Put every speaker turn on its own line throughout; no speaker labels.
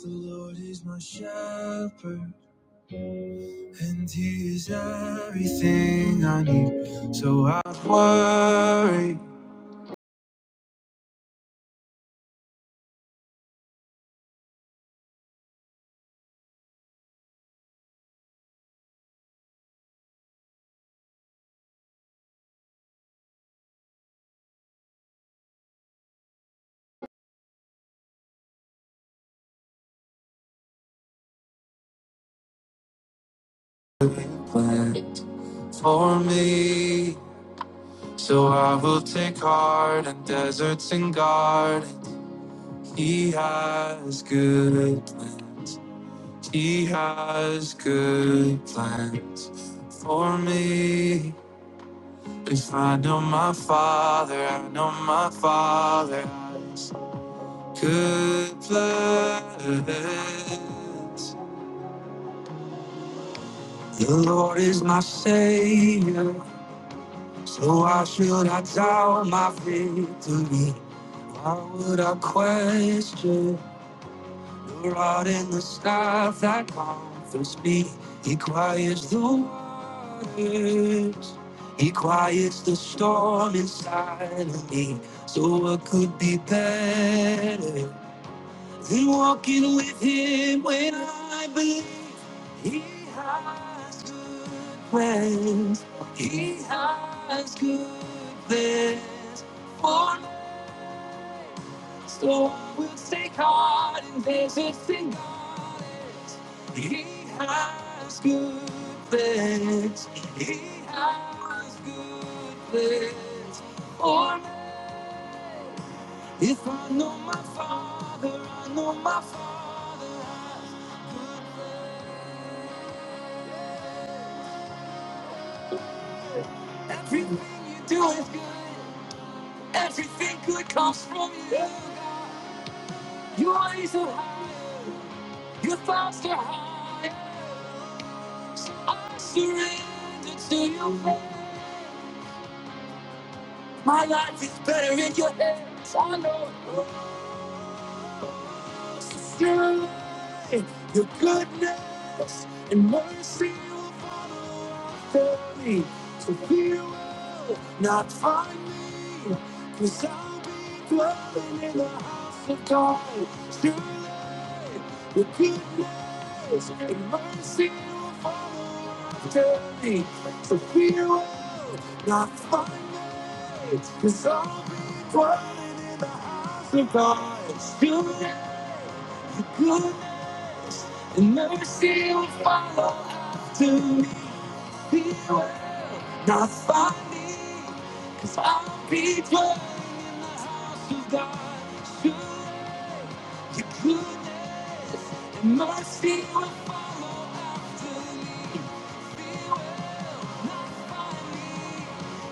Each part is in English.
The Lord is my shepherd, and He is everything I need. So I worry plans for me. So I will take heart in deserts and gardens. He has good plans. He has good plans for me. If I know my father, I know my father. Good plans. The Lord is my Savior, so why should I doubt my victory? Why would I question the rod and the staff that comforts me? He quiets the waters, He quiets the storm inside of me. So what could be better? Been walking with him when I believe he has good plans. He has good plans for me. So I will take heart in this it's God. He has good plans. He has good plans for If I know my father, I know my father has good. plans. Everything you do is good. Everything good comes from you. Your eyes are high. Your thoughts are high. I surrender to your will. My life is better in your hands. I know. it. Your goodness and mercy will follow after me. So fear will not find me, because I'll be dwelling in the house of God. Surely your goodness and mercy will follow after me. So fear will not find me, because I'll be dwelling in the house of God. Surely your goodness And mercy will follow after me. Beware not find me, cause I'll be dwelling in the house of God. Sure, your goodness and mercy will follow after me.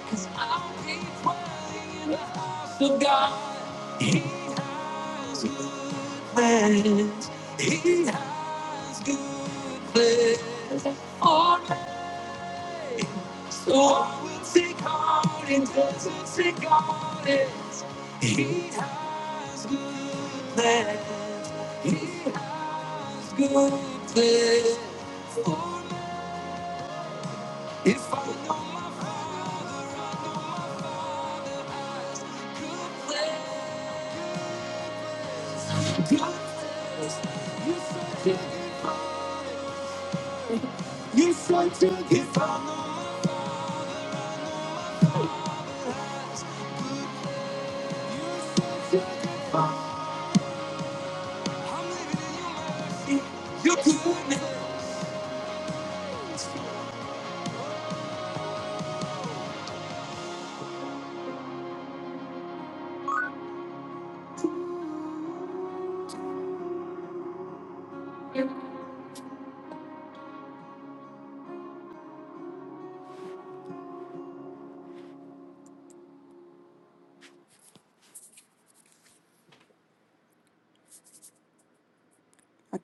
Cause I'll be dwelling in the house of God. He has good plans. He has good plans. Oh, so I will seek out and doesn't seek out it. He has good plans. He has good plans. For me, if I know my plans. God is there. Uh,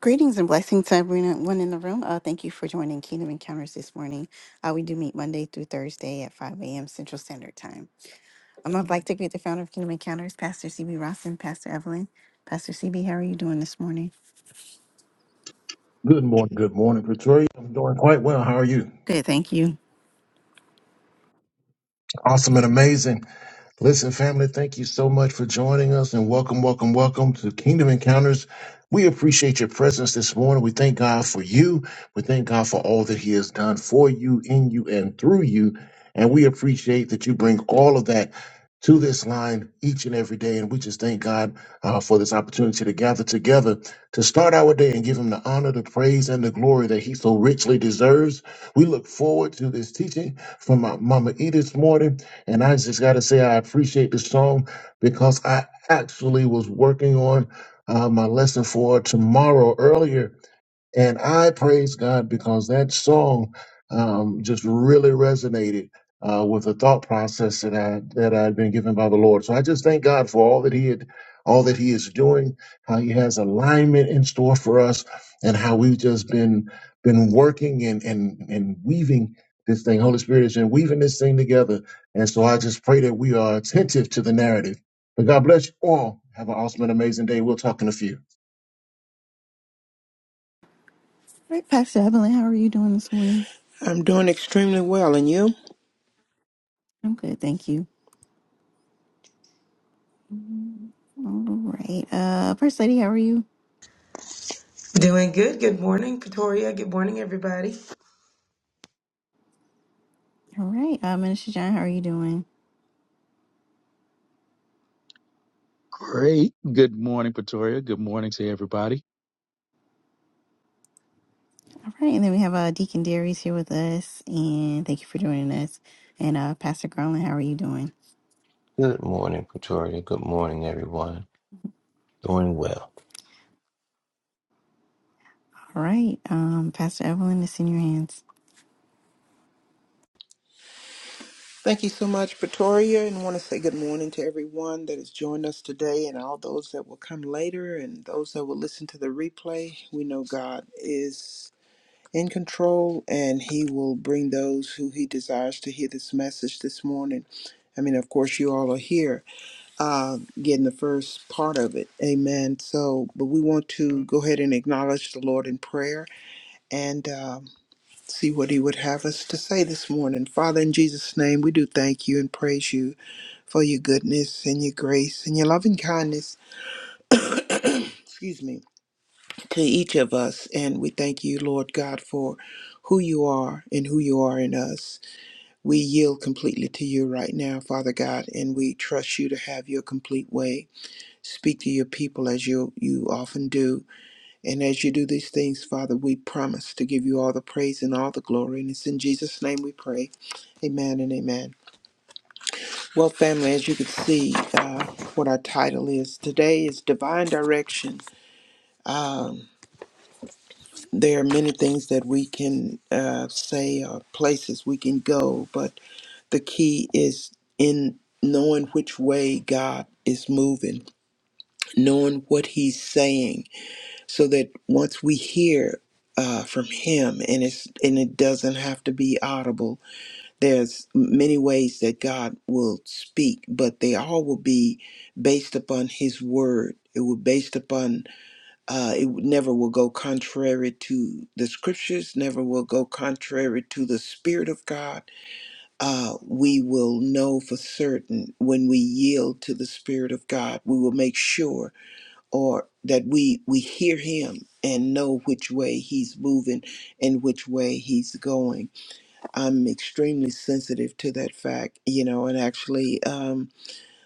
Greetings and blessings to everyone in the room. Uh, thank you for joining Kingdom Encounters this morning. Uh, we do meet Monday through Thursday at 5 a.m. Central Standard Time. Um, I'd like to greet the founder of Kingdom Encounters, Pastor CB Ross and Pastor Evelyn. Pastor CB, how are you doing this morning?
Good morning, good morning, Pretoria. I'm doing quite well. How are you?
Good, thank you.
Awesome and amazing. Listen, family, thank you so much for joining us and welcome, welcome, welcome to Kingdom Encounters. We appreciate your presence this morning. We thank God for you. We thank God for all that He has done for you, in you, and through you. And we appreciate that you bring all of that to this line each and every day. And we just thank God uh, for this opportunity to gather together to start our day and give Him the honor, the praise, and the glory that He so richly deserves. We look forward to this teaching from my Mama E this morning. And I just got to say, I appreciate this song because I actually was working on uh, my lesson for tomorrow earlier and I praise God because that song um, just really resonated uh, with the thought process that I that I had been given by the Lord. So I just thank God for all that He had, all that He is doing, how He has alignment in store for us, and how we've just been been working and and and weaving this thing. Holy Spirit has been weaving this thing together, and so I just pray that we are attentive to the narrative. But God bless you all. Have an awesome and amazing day. We'll talk in a few.
All right, Pastor Evelyn, how are you doing this morning?
I'm doing extremely well, and you?
I'm good, thank you. Mm, All right. Uh, First Lady, how are you?
Doing good. Good morning, Katoria. Good morning, everybody.
All right. Uh, Minister John, how are you doing?
Great. Good morning, Pretoria. Good morning to everybody.
All right, and then we have uh, Deacon Darius here with us, and thank you for joining us. And uh, Pastor Garland, how are you doing?
Good morning, Pretoria. Good morning, everyone. Doing well.
All right, um, Pastor Evelyn, it's in your hands.
Thank you so much, Pretoria, and want to say good morning to everyone that has joined us today and all those that will come later and those that will listen to the replay. We know God is in control and He will bring those who He desires to hear this message this morning. I mean, of course, you all are here uh, getting the first part of it. Amen. So, but we want to go ahead and acknowledge the Lord in prayer. And uh, see what he would have us to say this morning. Father, in Jesus' name, we do thank you and praise you for your goodness and your grace and your loving kindness, excuse me, to each of us. And we thank you, Lord God, for who you are and who you are in us. We yield completely to you right now, Father God, and we trust you to have your complete way. Speak to your people as you you often do And as you do these things, Father, we promise to give you all the praise and all the glory. And it's in Jesus' name we pray. Amen and amen. Well, family, as you can see, uh, what our title is today is Divine Direction. Um, there are many things that we can uh, say or places we can go, but the key is in knowing which way God is moving, knowing what He's saying so that once we hear uh, from him and it's and it doesn't have to be audible there's many ways that god will speak but they all will be based upon his word it will based upon uh, it would- never will go contrary to the scriptures never will go contrary to the spirit of god uh, we will know for certain when we yield to the spirit of god we will make sure or that we we hear him and know which way he's moving and which way he's going i'm extremely sensitive to that fact you know and actually um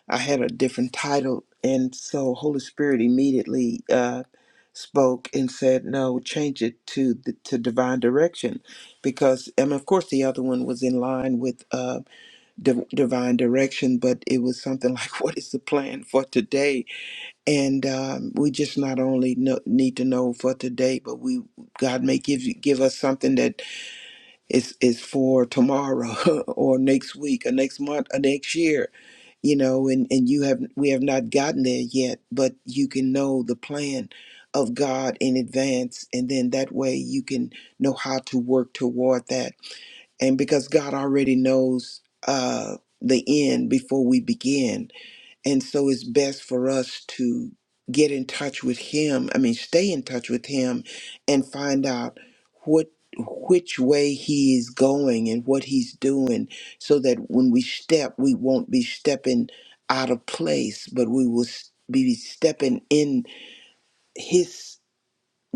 i had a different title and so holy spirit immediately uh spoke and said no change it to the, to divine direction because and of course the other one was in line with uh div divine direction but it was something like what is the plan for today and um, we just not only know, need to know for today, but we God may give you give us something that is is for tomorrow or next week or next month or next year, you know. And and you have we have not gotten there yet, but you can know the plan of God in advance, and then that way you can know how to work toward that. And because God already knows uh, the end before we begin, and so it's best for us to get in touch with him. I mean, stay in touch with him and find out what which way he is going and what he's doing so that when we step, we won't be stepping out of place, but we will s- be stepping in his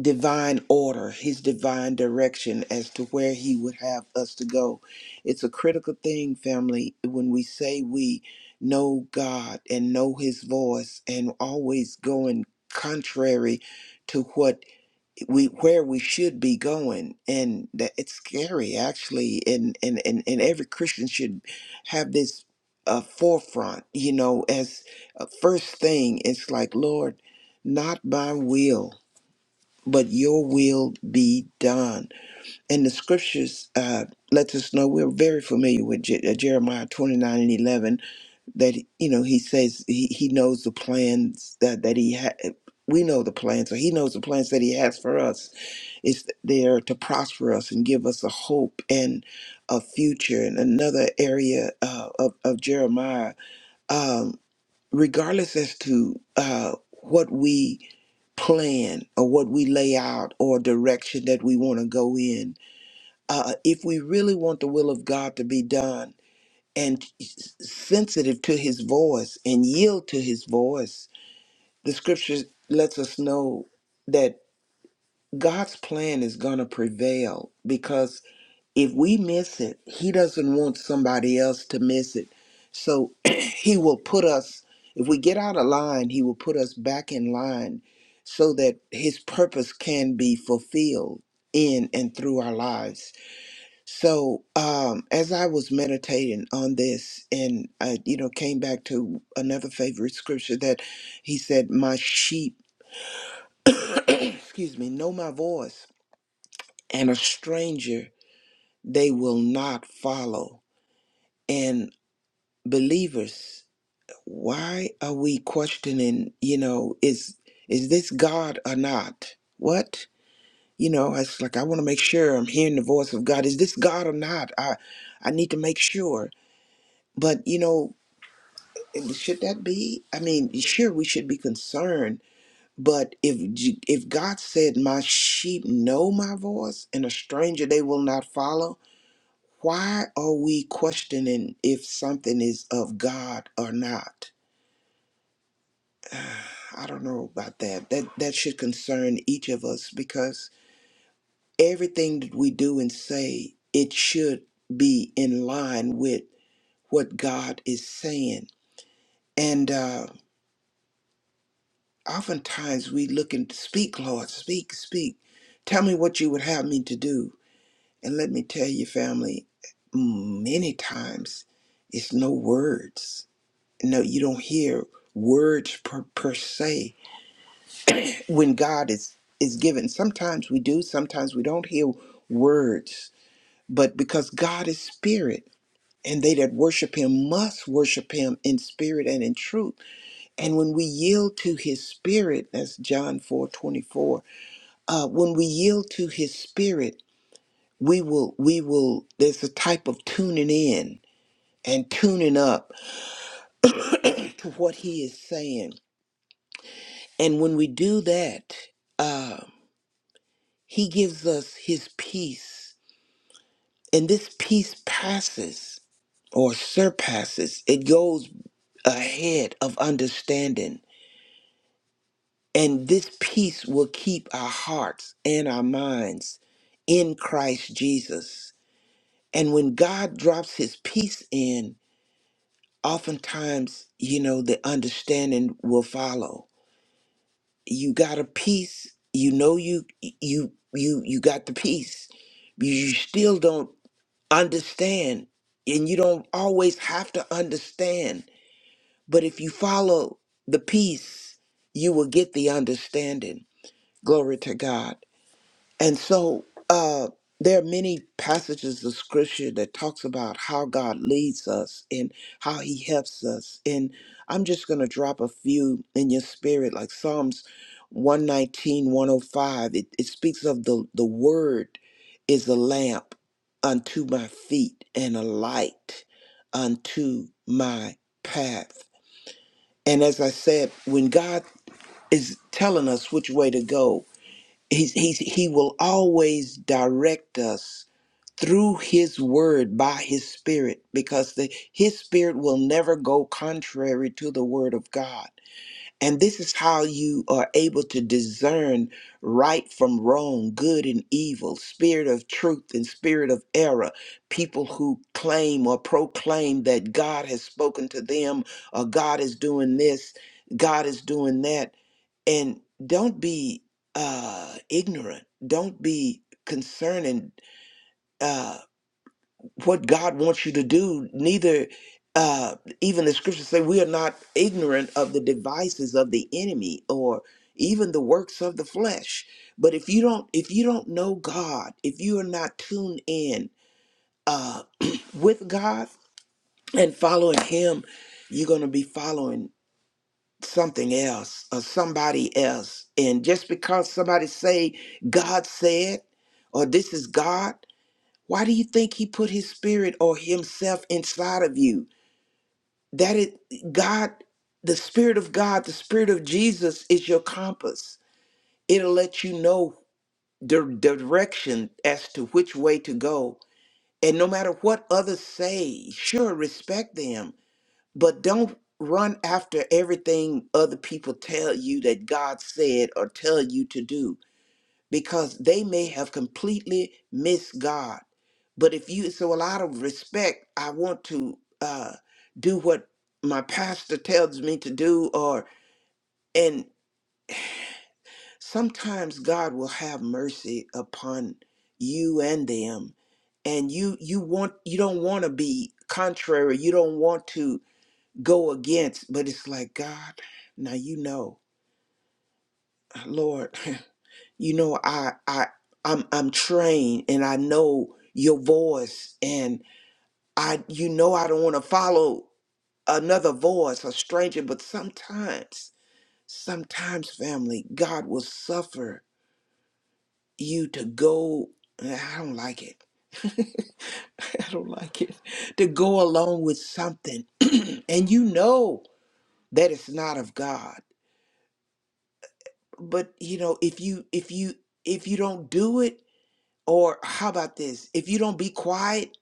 divine order, his divine direction as to where he would have us to go. It's a critical thing, family, when we say we know God and know his voice and always going contrary to what we where we should be going and that it's scary actually and and and, and every christian should have this uh, forefront you know as a first thing it's like lord not my will but your will be done. And the scriptures uh, lets us know we're very familiar with Je- uh, Jeremiah 29 and 11 that, you know, he says he, he knows the plans that, that he had. We know the plans, so he knows the plans that he has for us. It's there to prosper us and give us a hope and a future. And another area uh, of, of Jeremiah um, regardless as to uh, what we plan or what we lay out or direction that we want to go in, uh, if we really want the will of God to be done and s- sensitive to his voice and yield to his voice, the scripture lets us know that God's plan is going to prevail if we miss it, he doesn't want somebody else to miss it. So he will put us, if we get out of line, he will put us back in line so that his purpose can be fulfilled in and through our lives. So um, as I was meditating on this and I, you know, came back to another favorite scripture that he said, my sheep, excuse me, know my voice and a stranger they will not follow believers why are we questioning you know is is this god or not what you know it's like i want to make sure i'm hearing the voice of god is this god or not i i need to make sure but you know should that be i mean sure we should be concerned but if J- if god said my sheep know my voice and a stranger they will not follow why are we questioning if something is of god or not I don't know about that. That that should concern each of us because everything that we do and say, it should be in line with what God is saying. And uh, oftentimes we look and speak, Lord, speak, speak. Tell me what you would have me to do. And let me tell you, family, many times it's no words. No, you don't hear words per, per se when God is is given. Sometimes we do, sometimes we don't hear words, but because God is spirit and they that worship him must worship him in spirit and in truth. And when we yield to his spirit, that's John 4 24. uh, when we yield to his spirit, we will, we will, there's a type of tuning in and tuning up to what he is saying. And when we do that, uh, he gives us his peace And this peace passes or surpasses, it goes ahead of understanding. And this peace will keep our hearts and our minds in Christ Jesus. And when God drops his peace in, oftentimes, you know, the understanding will follow. You got a peace, you know you you you you got the peace. You still don't understand and you don't always have to understand but if you follow the peace you will get the understanding glory to god and so uh, there are many passages of scripture that talks about how God leads us and how he helps us. And I'm just going to drop a few in your spirit, like Psalms 119, 105. It, it speaks of the, the word is a lamp unto my feet and a light unto my path. And as I said, when God is telling us which way to go, he's, he's, he will always direct us through his word by his spirit because the, his spirit will never go contrary to the word of god and this is how you are able to discern right from wrong good and evil spirit of truth and spirit of error people who claim or proclaim that god has spoken to them or god is doing this god is doing that and don't be uh ignorant don't be concerning uh what god wants you to do neither uh even the scriptures say we are not ignorant of the devices of the enemy or even the works of the flesh but if you don't if you don't know god if you are not tuned in uh with god and following him you're going to be following something else or somebody else and just because somebody say god said or this is god why do you think he put his spirit or himself inside of you that it god the spirit of god the spirit of jesus is your compass it'll let you know the direction as to which way to go and no matter what others say sure respect them but don't run after everything other people tell you that God said or tell you to do because they may have completely missed God. But if you, so a lot of respect, I want to uh, do what my pastor tells me to do, or, and sometimes God will have mercy upon you and them. And you, you want, you don't want to be contrary. You don't want to go against but it's like god now you know lord you know i i i'm i'm trained and i know your voice and i you know i don't want to follow another voice a stranger but sometimes sometimes family god will suffer you to go i don't like it i don't like it to go along with something and you know that it's not of god but you know if you if you if you don't do it or how about this if you don't be quiet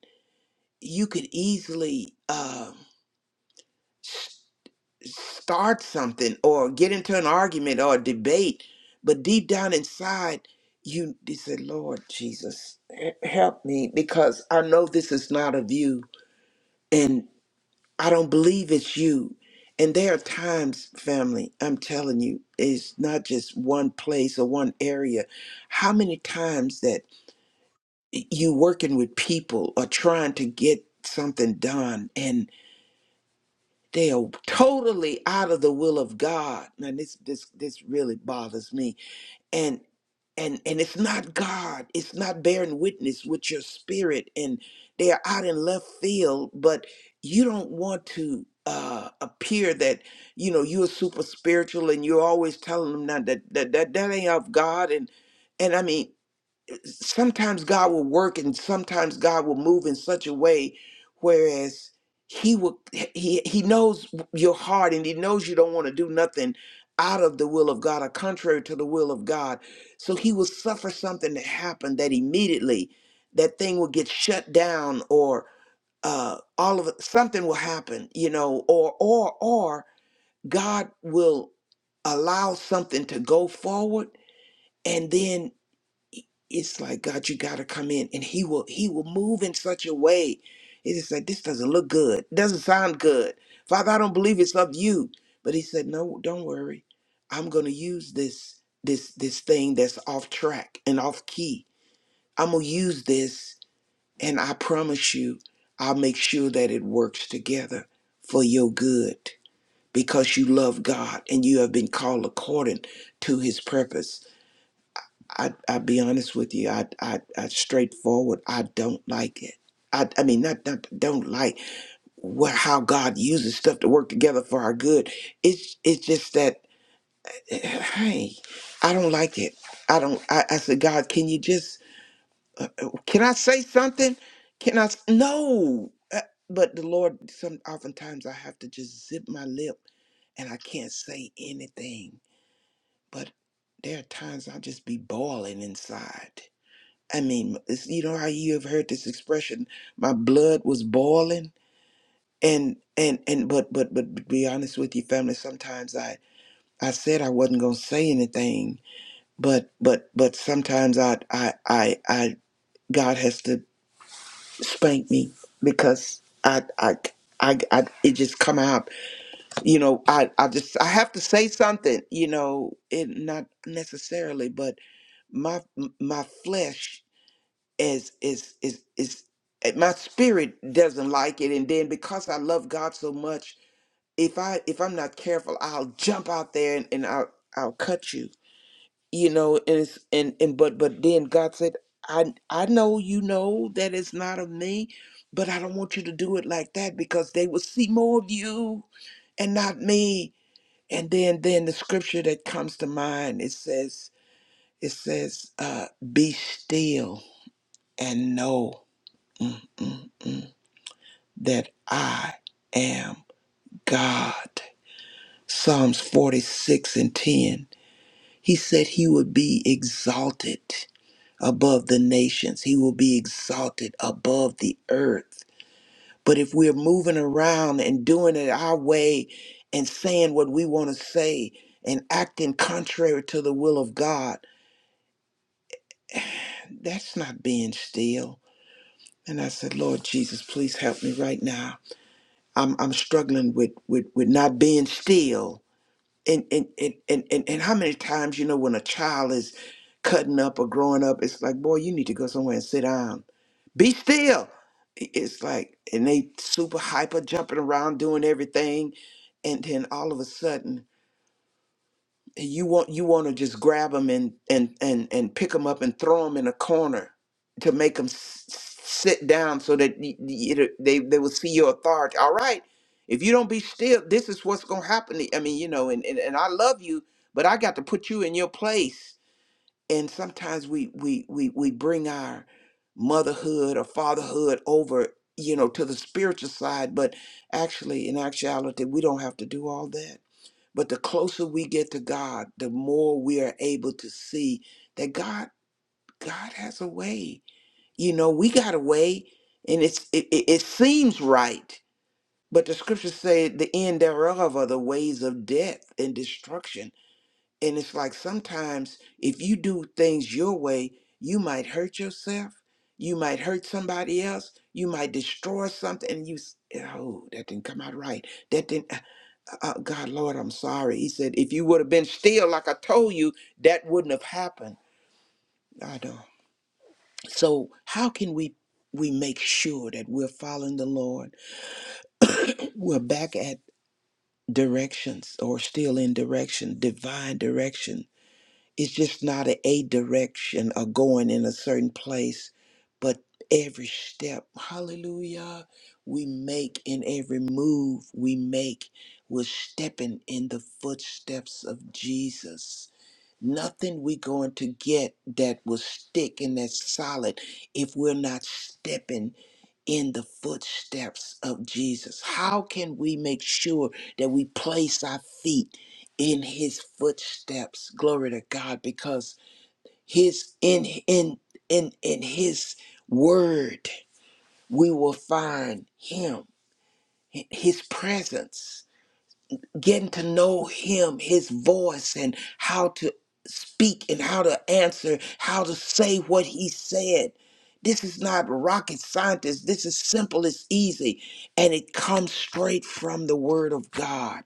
you could easily um s- start something or get into an argument or a debate but deep down inside you, you say, lord jesus he- help me because i know this is not of you I don't believe it's you. And there are times, family, I'm telling you, it's not just one place or one area. How many times that you working with people or trying to get something done and they are totally out of the will of God. Now this this this really bothers me and and it's not god it's not bearing witness with your spirit and they're out in left field but you don't want to uh appear that you know you're super spiritual and you're always telling them that that that, that, that ain't of god and and i mean sometimes God will work and sometimes God will move in such a way whereas he will he he knows your heart and he knows you don't want to do nothing out of the will of God or contrary to the will of God. So he will suffer something to happen that immediately that thing will get shut down or uh all of it, something will happen, you know, or or or God will allow something to go forward and then it's like God, you gotta come in, and He will He will move in such a way. It's like this doesn't look good, doesn't sound good, Father. I don't believe it's of you, but He said, no, don't worry, I'm gonna use this this this thing that's off track and off key. I'm gonna use this, and I promise you, I'll make sure that it works together for your good because you love God and you have been called according to His purpose. I I be honest with you, I I, I straightforward, I don't like it. I, I mean, not, not don't like what how God uses stuff to work together for our good. It's it's just that, hey, I don't like it. I don't. I, I said, God, can you just? Uh, uh, can I say something? Can I? s- No. Uh, But the Lord, some oftentimes I have to just zip my lip and I can't say anything. But there are times I'll just be boiling inside I mean, it's, you know how you have heard this expression, my blood was boiling and and and but but but to be honest with you family, sometimes I I said I wasn't going to say anything, but but but sometimes I I I I God has to spank me because I I I, I it just come out you know I, I just i have to say something you know it not necessarily but my my flesh is is is is eh, my spirit doesn't like it and then because i love god so much if i if i'm not careful i'll jump out there and, and i'll i'll cut you you know and it's and and but but then god said i i know you know that it's not of me but i don't want you to do it like that because they will see more of you and not me and then then the scripture that comes to mind it says it says uh be still and know Mm, mm. that I am God. Psalms 46 and 10. He said he would be exalted above the nations, he will be exalted above the earth. But if we're moving around and doing it our way and saying what we want to say and acting contrary to the will of God, that's not being still. And I said, Lord Jesus, please help me right now. I'm, I'm struggling with, with, with not being still and and and and and, and how many times you know when a child is cutting up or growing up, it's like, boy, you need to go somewhere and sit down. Be still. I- It's like, and they super hyper jumping around doing everything, and then all of a sudden you want you want to just grab them and and and and pick them up and throw them in a corner to make them sit down so that y- y- it'll- they they will see your authority. All right, if you don't be still, this is what's gonna happen. I mean, you know, and and, and I love you, but I got to put you in your place and sometimes we we we we bring our motherhood or fatherhood over you know to the spiritual side but actually in actuality we don't have to do all that but the closer we get to God the more we are able to see that God God has a way you know we got a way and it's it, it, it seems right but the scriptures say the end thereof are the ways of death and destruction and it's like sometimes if you do things your way, you might hurt yourself, you might hurt somebody else, you might destroy something, and you, s- oh, that didn't come out right. That didn't, uh, uh, God, Lord, I'm sorry. He said, if you would have been still like I told you, that wouldn't have happened. I know. So, how can we? We make sure that we're following the Lord. We're back at directions or still in direction, divine direction It's just not a, a direction or going in a certain place, but every step, hallelujah, we make in every move we make, we're stepping in the footsteps of Jesus. Nothing we going to get that will stick and that's solid if we're not stepping in the footsteps of Jesus? How can we make sure that we place our feet in his footsteps? Glory to God because his in in in in his word we will find him his presence getting to know him, his voice, and how to speak and how to answer, how to say what he said. This is not rocket scientist. This is simple, it's easy, and it comes straight from the word of God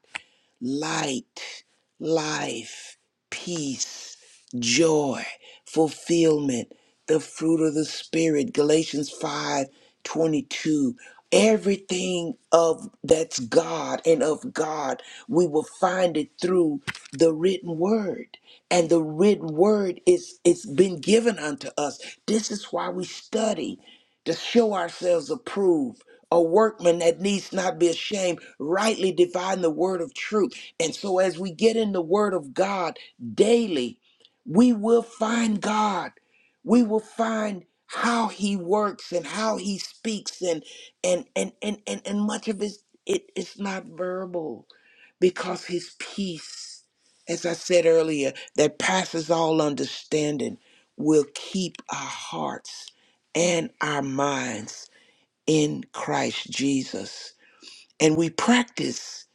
light, life, peace, joy, fulfillment, the fruit of the spirit, Galatians 5 22. Everything of that's God and of God, we will find it through the written word. And the written word is it's been given unto us. This is why we study to show ourselves approved a workman that needs not be ashamed, rightly divine the word of truth. And so, as we get in the word of God daily, we will find God. We will find how he works and how he speaks and and and and and, and much of his it is not verbal because his peace as i said earlier that passes all understanding will keep our hearts and our minds in Christ Jesus. And we practice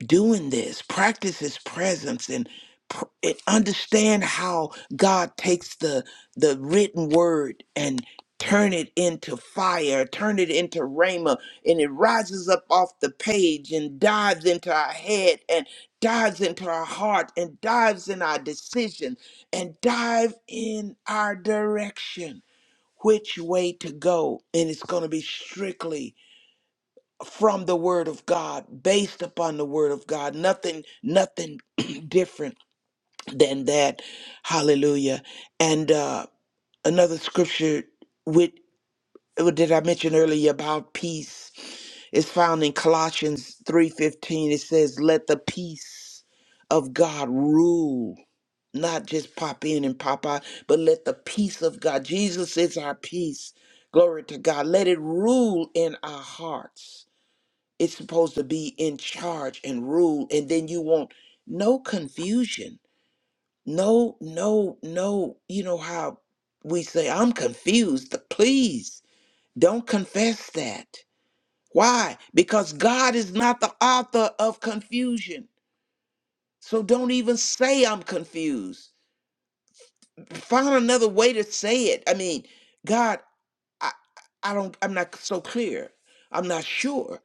doing this, practice his presence and pr- and understand how God takes the the written word and turn it into fire, turn it into rhema, and it rises up off the page and dives into our head and dives into our heart and dives in our decision and dive in our direction, which way to go. And it's going to be strictly from the word of God, based upon the word of God. Nothing, nothing different than that. Hallelujah. And uh, another scripture with did I mention earlier about peace is found in Colossians 3:15. It says, Let the peace of God rule. Not just pop in and pop out, but let the peace of God. Jesus is our peace. Glory to God. Let it rule in our hearts it's supposed to be in charge and rule, and then you want no confusion. No, no, no. You know how we say, I'm confused. Please don't confess that. Why? Because God is not the author of confusion. So don't even say I'm confused. Find another way to say it. I mean, God, I, I don't I'm not so clear. I'm not sure.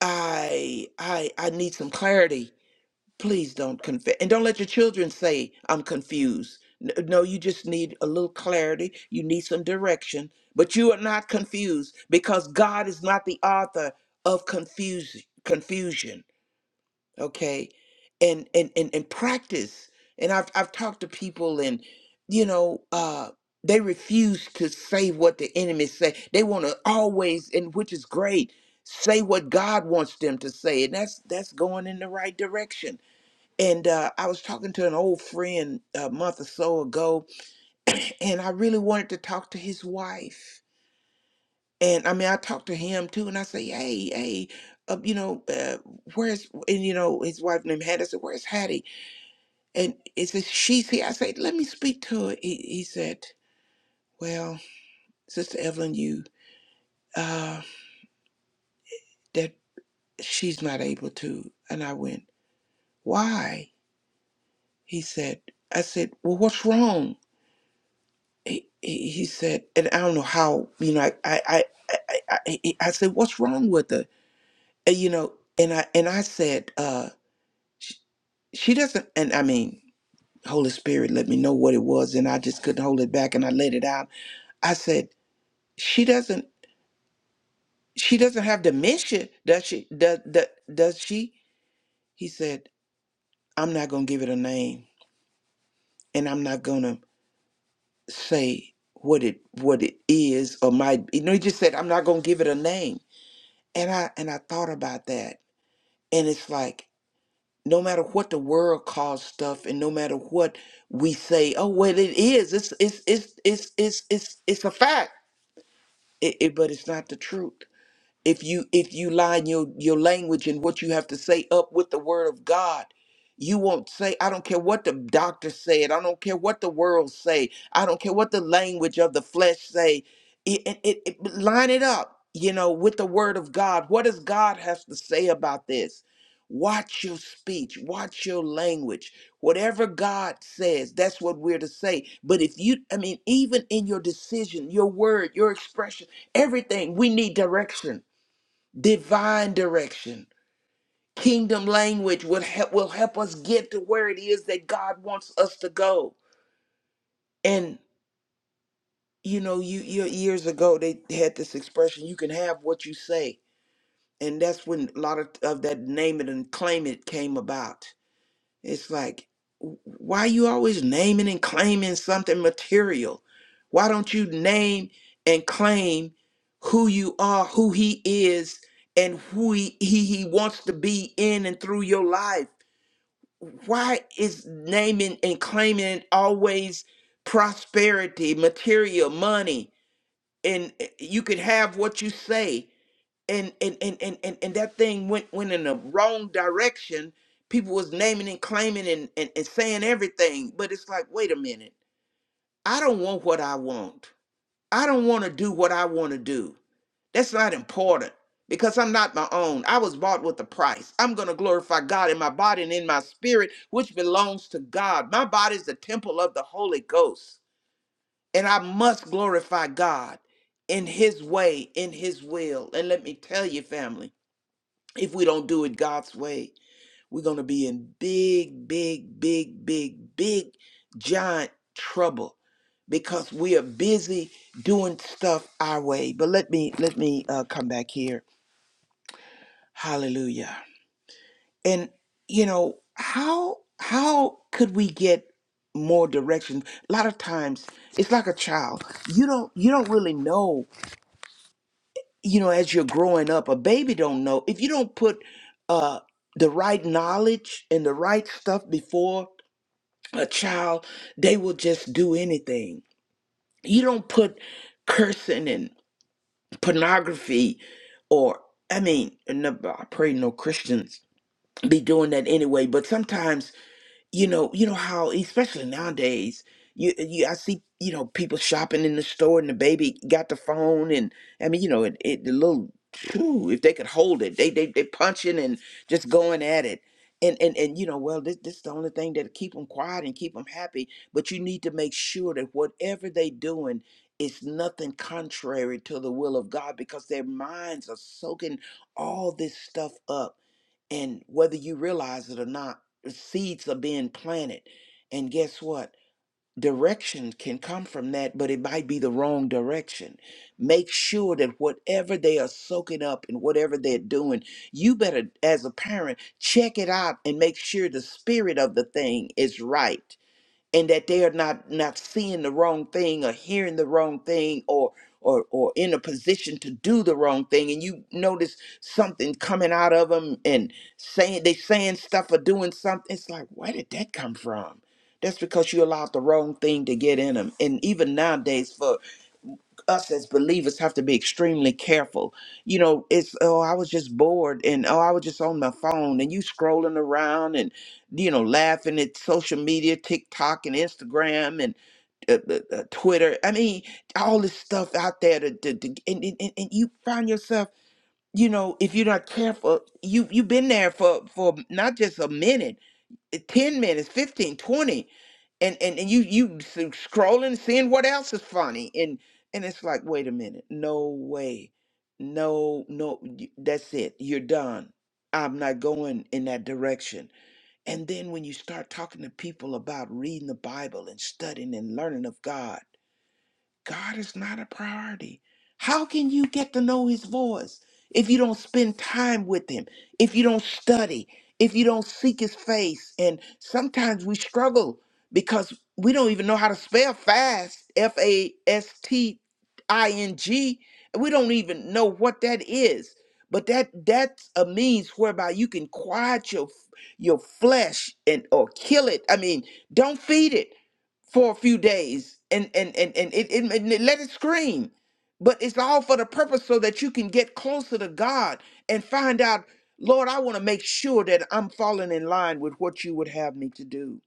I I I need some clarity. please don't confess and don't let your children say i'm confused N- no you just need a little clarity you need some direction but you are not confused because god is not the author of confusion confusion okay and and and, and practice and i've i've talked to people and you know uh they refuse to say what the enemy say they want to always and which is great say what god wants them to say and that's that's going in the right direction and uh, I was talking to an old friend a month or so ago, and I really wanted to talk to his wife. And I mean, I talked to him too, and I say, "Hey, hey, uh, you know, uh, where's and you know his wife named Hattie." I said, "Where's Hattie?" And it says she's here. I said, "Let me speak to her." He, he said, "Well, Sister Evelyn, you uh, that she's not able to." And I went, "Why?" He said, "I said, well, what's wrong?" he, he he said, and I don't know how, you know, I, I, I, I, I, I I said, what's wrong with her? And, you know, and I, and I said, uh, she, she doesn't, and I mean, Holy Spirit let me know what it was, and I just couldn't hold it back, and I let it out. I said, she doesn't, she doesn't have dementia, does she? Does, does, does she? He said, I'm not gonna give it a name, and I'm not gonna say what it, what it is or might. You know, he just said, I'm not gonna give it a name And I and I thought about that. And it's like no matter what the world calls stuff and no matter what we say, oh well it is. It's it's it's it's it's it's it's a fact. It, it but it's not the truth if you if you line your your language and what you have to say up with the word of god you won't say i don't care what the doctor said i don't care what the world say i don't care what the language of the flesh say it, it, it, it- line it up you know with the word of god what does god has to say about this watch your speech watch your language whatever god says that's what we're to say but if you i mean even in your decision your word your expression everything we need direction divine direction. Kingdom language will help will help us get to where it is that God wants us to go. And you know, you, you years ago they had this expression: "You can have what you say," and that's when a lot of, of that name it and claim it came about. It's like, w- why are you always naming and claiming something material? Why don't you name and claim who you are, who he is, and who he, he, he wants to be in and through your life? Why is naming and claiming always prosperity, material, money? And eh, you can have what you say and and and and and, and that thing went went in the wrong direction people was naming and claiming and, and and saying everything but it's like wait a minute i don't want what i want i don't want to do what i want to do that's not important because i'm not my own i was bought with a price i'm going to glorify god in my body and in my spirit which belongs to god my body is the temple of the holy ghost and i must glorify god in his way in his will and let me tell you family if we don't do it God's way, we're going to be in big, big, big, big, big, giant trouble because we are busy doing stuff our way. But let me let me uh, come back here. Hallelujah. And you know how how could we get more direction? A lot of times it's like a child. You don't you don't really know you know as you're growing up a baby don't know if you don't put uh the right knowledge and the right stuff before a child they will just do anything you don't put cursing and pornography or i mean and no- i pray no christians be doing that anyway but sometimes you know, you know how, especially nowadays, you you I see, you know, people shopping in the store and the baby got the phone and I mean, you know, it, it the little phew, if they could hold it, they they they punching and just going at it. And, and, and you know well this, this is the only thing that keep them quiet and keep them happy but you need to make sure that whatever they doing is nothing contrary to the will of god because their minds are soaking all this stuff up and whether you realize it or not, seeds are being planted. And guess what? Direction can come from that, but it might be the wrong direction. Make sure that whatever they are soaking up and whatever they're doing, you better, as a parent, check it out and make sure the spirit of the thing is right and that they are not not seeing the wrong thing or hearing the wrong thing or or or in a position to do the wrong thing and you notice something coming out of them and saying they saying stuff or doing something it's like where did that come from that's because you allowed the wrong thing to get in them and even nowadays for us as believers have to be extremely careful. You know, it's oh, I was just bored and oh, I was just on my phone and you scrolling around and you know, laughing at social media, TikTok and Instagram and uh, uh, uh, Twitter. I mean, all this stuff out there to, to, to and, and, and and you find yourself, you know, if you're not careful, you you've been there for for not just a minute, eh, 10 minutes, 15, 20 and and, and you you s- scrolling seeing what else is funny and and it's like wait a minute no way no no y- that's it you're done i'm not going in that direction and then when you start talking to people about reading the bible and studying and learning of god God is not a priority. How can you get to know his voice if you don't spend time with him, if you don't study, if you don't seek his face? And sometimes we struggle because we don't even know how to spell fast, F A S T I N G. We don't even know what that is. But that that's a means whereby you can quiet your your flesh and or kill it. I mean, don't feed it for a few days and and and, and it, it, and it- let it scream but it's all for the purpose so that you can get closer to god and find out lord i want to make sure that i'm falling in line with what you would have me to do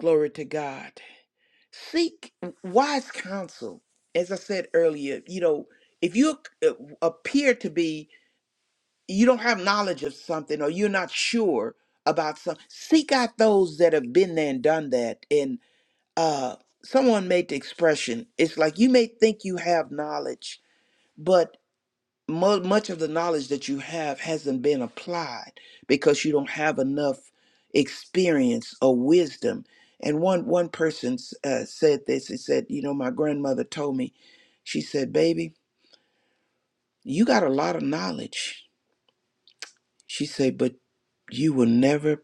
glory to god seek wise counsel as i said earlier you know if you uh, appear to be you don't have knowledge of something or you're not sure about something seek out those that have been there and done that uh, someone made the expression it's like you may think you have knowledge but mu much of the knowledge that you have hasn't been applied because you don't have enough experience or wisdom and one one person s- uh, said this he said you know my grandmother told me she said baby you got a lot of knowledge she said but you will never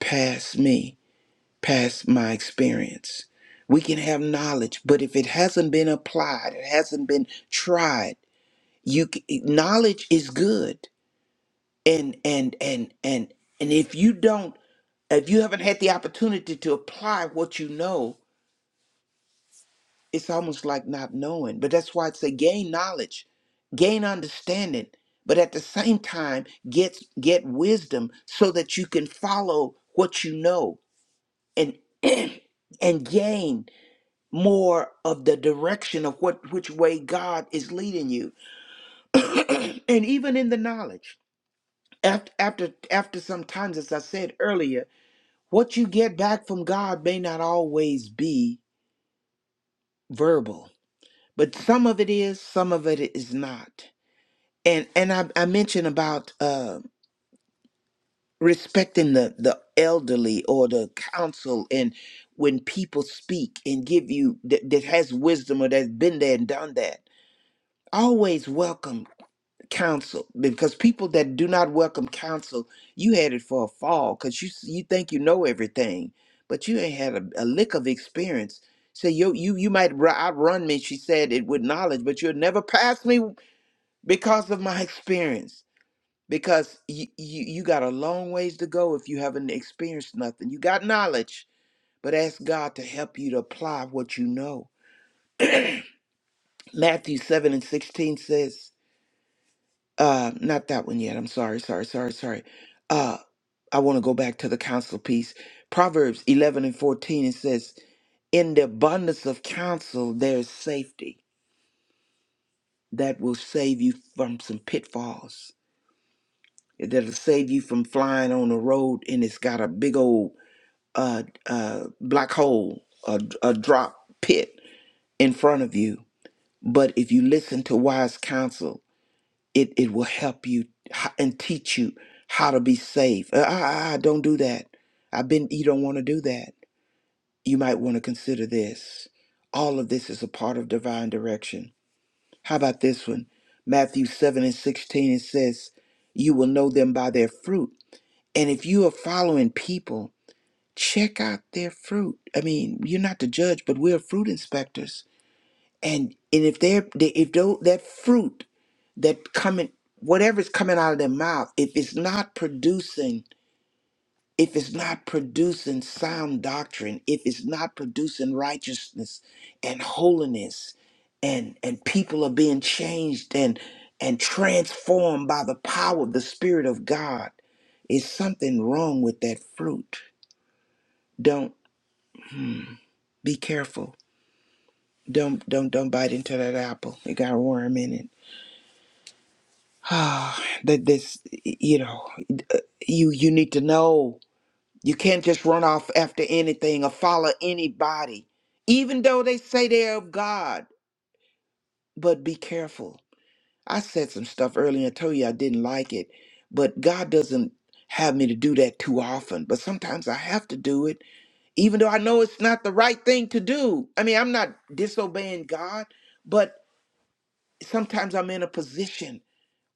pass me past my experience. We can have knowledge, but if it hasn't been applied, it hasn't been tried. You c- knowledge is good, and and and and and if you don't, if you haven't had the opportunity to apply what you know, it's almost like not knowing. But that's why it's a gain knowledge, gain understanding, but at the same time get get wisdom so that you can follow what you know and and gain. more of the direction of what which way God is leading you. and even in the knowledge, after after after sometimes, as I said earlier, what you get back from God may not always be verbal, but some of it is, some of it is not. And and I, I mentioned about uh, respecting the the elderly or the counsel, and when people speak and give you that, that has wisdom or that's been there and done that always welcome counsel because people that do not welcome counsel you had it for a fall because you s- you think you know everything but you ain't had a, a lick of experience so you you you might ru- outrun me she said it with knowledge but you'll never pass me because of my experience because you, you you got a long ways to go if you haven't experienced nothing you got knowledge but ask god to help you to apply what you know matthew 7 and 16 says uh not that one yet i'm sorry sorry sorry sorry uh i want to go back to the counsel piece proverbs 11 and 14 it says in the abundance of counsel there's safety that will save you from some pitfalls that'll save you from flying on the road and it's got a big old uh uh black hole a, a drop pit in front of you but if you listen to wise counsel it it will help you h- and teach you how to be safe. Ah, ah, ah, don't do that. I've been. You don't want to do that. You might want to consider this. All of this is a part of divine direction. How about this one? Matthew seven and sixteen. It says, "You will know them by their fruit." And if you are following people, check out their fruit. I mean, you're not the judge, but we're fruit inspectors. And and if they're they- if tho- that fruit that coming whatever's coming out of their mouth if it's not producing if it's not producing sound doctrine if it's not producing righteousness and holiness and and people are being changed and and transformed by the power of the spirit of god is something wrong with that fruit don't be careful don't don't don't bite into that apple it got a worm in it ah that this you know you you need to know You can't just run off after anything or follow anybody, even though they say they're of God. But be careful. I said some stuff earlier and told you I didn't like it, but God doesn't have me to do that too often. But sometimes I have to do it, even though I know it's not the right thing to do. I mean, I'm not disobeying God, but sometimes I'm in a position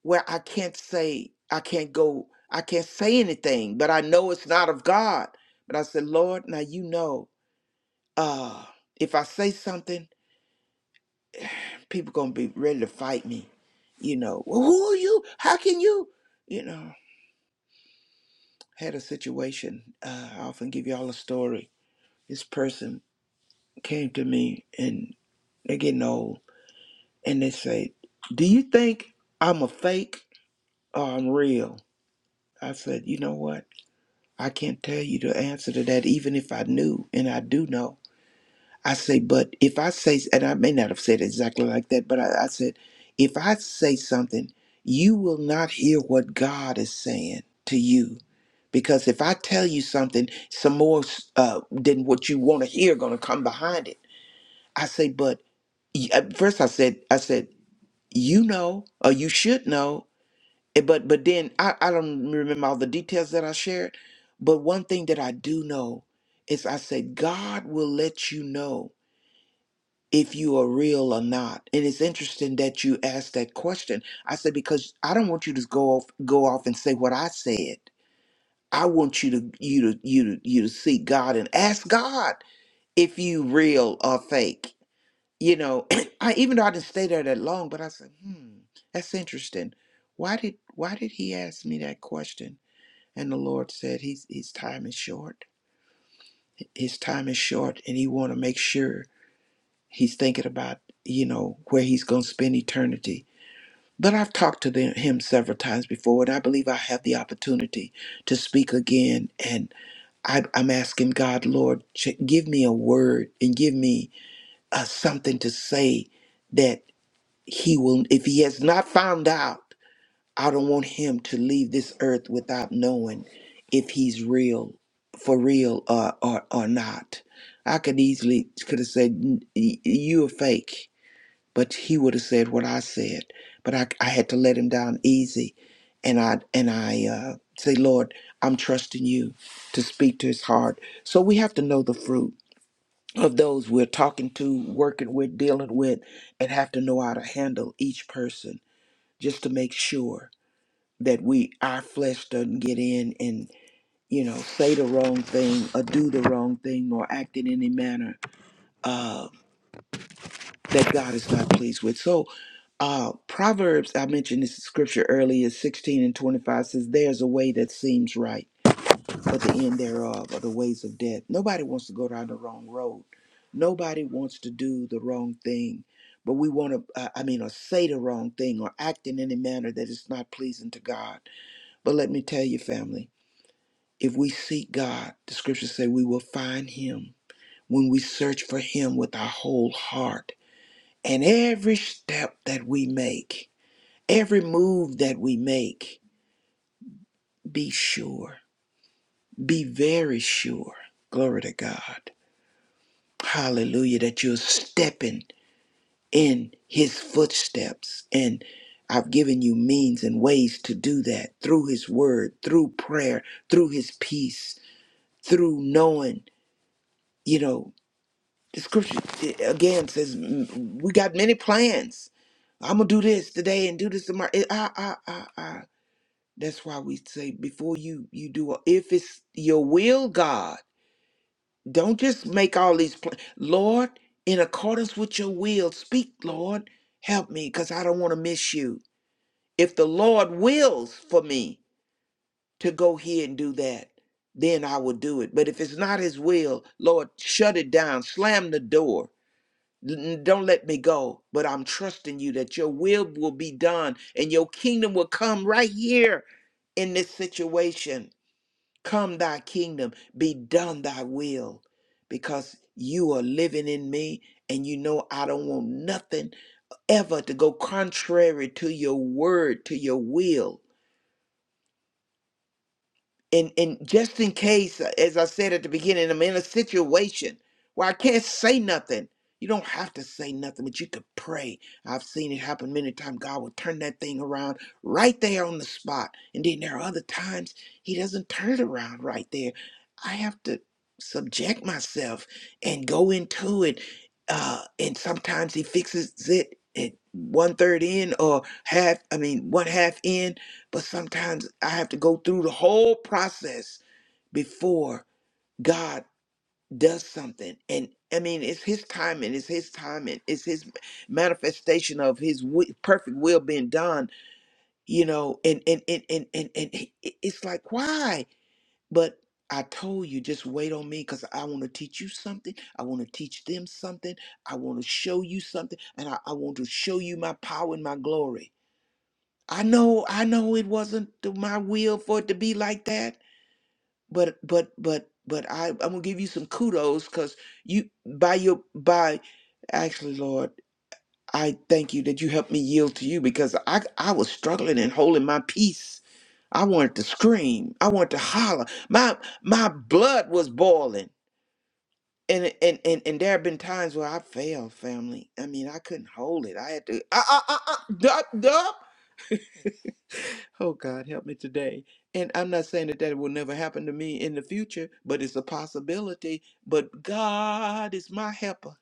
where I can't say, I can't go, I can't say anything, but I know it's not of God. But I said, Lord, now you know. uh if I say something, people gonna be ready to fight me. You know, well, who are you? How can you? You know, had a situation. Uh, I often give y'all a story. This person came to me and they're getting old and they say, Do you think I'm a fake or I'm real? I said, You know what? I can't tell you the answer to that even if I knew and I do know. I say, but if I say, and I may not have said it exactly like that, but I, I said, if I say something, you will not hear what God is saying to you. Because if I tell you something, some more uh, than what you want to hear going to come behind it. I say, but y- at first I said, I said, you know, or you should know. eh, But but then I, I don't remember all the details that I shared. But one thing that I do know is I said, God will let you know if you are real or not. And it's interesting that you asked that question. I said because I don't want you to go off go off and say what I said. I want you to you to you to you to seek God and ask God if you real or fake. You know, I even though I didn't stay there that long, but I said, hmm, that's interesting. Why did why did he ask me that question? And the Lord said, His his time is short. His time is short and he wanna make sure He's thinking about, you know, where he's going to spend eternity. But I've talked to them, him several times before, and I believe I have the opportunity to speak again. And I, I'm asking God, Lord, ch- give me a word and give me uh, something to say that he will, if he has not found out, I don't want him to leave this earth without knowing if he's real, for real, uh, or, or not. I could easily could have said, "N- y- "You are fake." but he would have said what I said. But I, I had to let him down easy, and I and I uh, say, Lord, I'm trusting you to speak to his heart. So we have to know the fruit of those we're talking to, working with, dealing with, and have to know how to handle each person just to make sure that we our flesh doesn't get in and you know say the wrong thing or do the wrong thing or act in any manner uh, that God is not pleased with. So Uh, Proverbs, I mentioned this scripture earlier, 16 and 25 says, There's a way that seems right, but the end thereof are the ways of death. Nobody wants to go down the wrong road. Nobody wants to do the wrong thing, but we want to, uh, I mean, or say the wrong thing or act in any manner that is not pleasing to God. But let me tell you, family, if we seek God, the scriptures say we will find him when we search for him with our whole heart. And every step that we make, Every move that we make, be sure, be very sure, glory to God, hallelujah, that you're stepping in his footsteps. And I've given you means and ways to do that through his word, through prayer, through his peace, through knowing, you know, the scripture eh, again says, mm, we got many plans. I'm gonna do this today and do this tomorrow. That's why we say before you you do a- if it's your will, God, don't just make all these plans. Lord, in accordance with your will, speak, Lord, help me because I don't want to miss you. If the Lord wills for me to go here and do that, then I will do it. But if it's not his will, Lord, shut it down, slam the door. N- Don't let me go, but I'm trusting you that your will will be done and your kingdom will come right here in this situation Come, thy kingdom, be done thy will, because you are living in me, and you know I don't want nothing ever to go contrary to your word, to your will and and just in case uh, as i said at the beginning i'm in a situation where i can't say nothing you don't have to say nothing but you could pray i've seen it happen many times god will turn that thing around right there on the spot and then there are other times he doesn't turn it around right there i have to subject myself and go into it uh and sometimes he fixes it at one third in or half i mean one half in but sometimes I have to go through the whole process before God does something. And I mean, it's His time and it's His time and it's His manifestation of His wi- perfect will being done, you know. And, and, and, and, and, and it- it's like, why? But I told you, just wait on me because I want to teach you something. I want to teach them something. I want to show you something. And I, I want to show you my power and my glory. I know, I know it wasn't to my will for it to be like that, but but but but I, I'm gonna give you some kudos because you by your by actually Lord, I thank you that you helped me yield to you because I I was struggling and holding my peace. I wanted to scream. I wanted to holler. My my blood was boiling. And, and and and there have been times where I failed, family. I mean, I couldn't hold it. I had to uh uh uh uh dup dup. Oh God, help me today. And I'm not saying that that will never happen to me in the future, but it's a possibility. But God is my helper.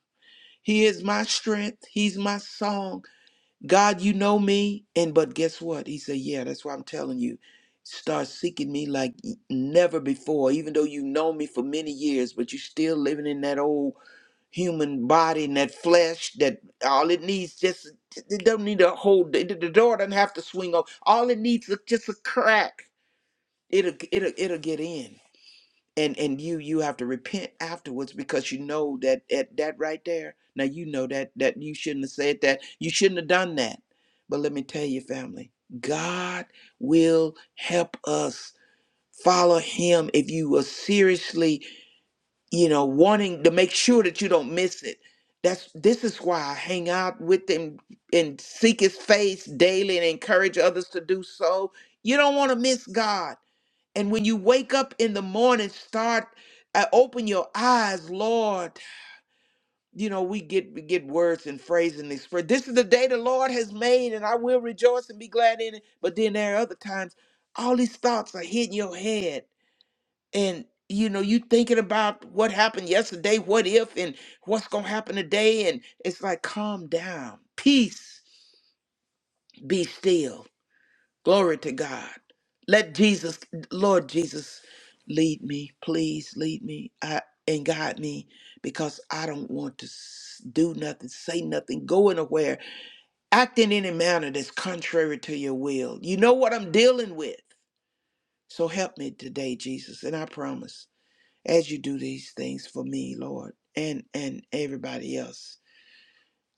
He is my strength. He's my song. God, you know me. And but guess what? He said, Yeah, that's why I'm telling you. Start seeking me like never before, even though you know me for many years, but you're still living in that old human body and that flesh that all it needs just it don't need a whole the, the door doesn't have to swing open all it needs is just a crack it'll it'll it'll get in and and you you have to repent afterwards because you know that at that right there now you know that that you shouldn't have said that you shouldn't have done that but let me tell you family god will help us follow him if you will seriously you know, wanting to make sure that you don't miss it. That's this is why I hang out with him and seek his face daily and encourage others to do so. You don't want to miss God. And when you wake up in the morning, start uh, open your eyes, Lord. You know, we get we get words and phrases and express. This is the day the Lord has made, and I will rejoice and be glad in it. But then there are other times all these thoughts are hitting your head and you know you thinking about what happened yesterday what if and what's gonna happen today and it's like calm down peace be still glory to god let jesus lord jesus lead me please lead me I, and guide me because i don't want to s- do nothing say nothing go anywhere act in any manner that's contrary to your will you know what i'm dealing with so help me today jesus and i promise as you do these things for me, Lord, and and everybody else.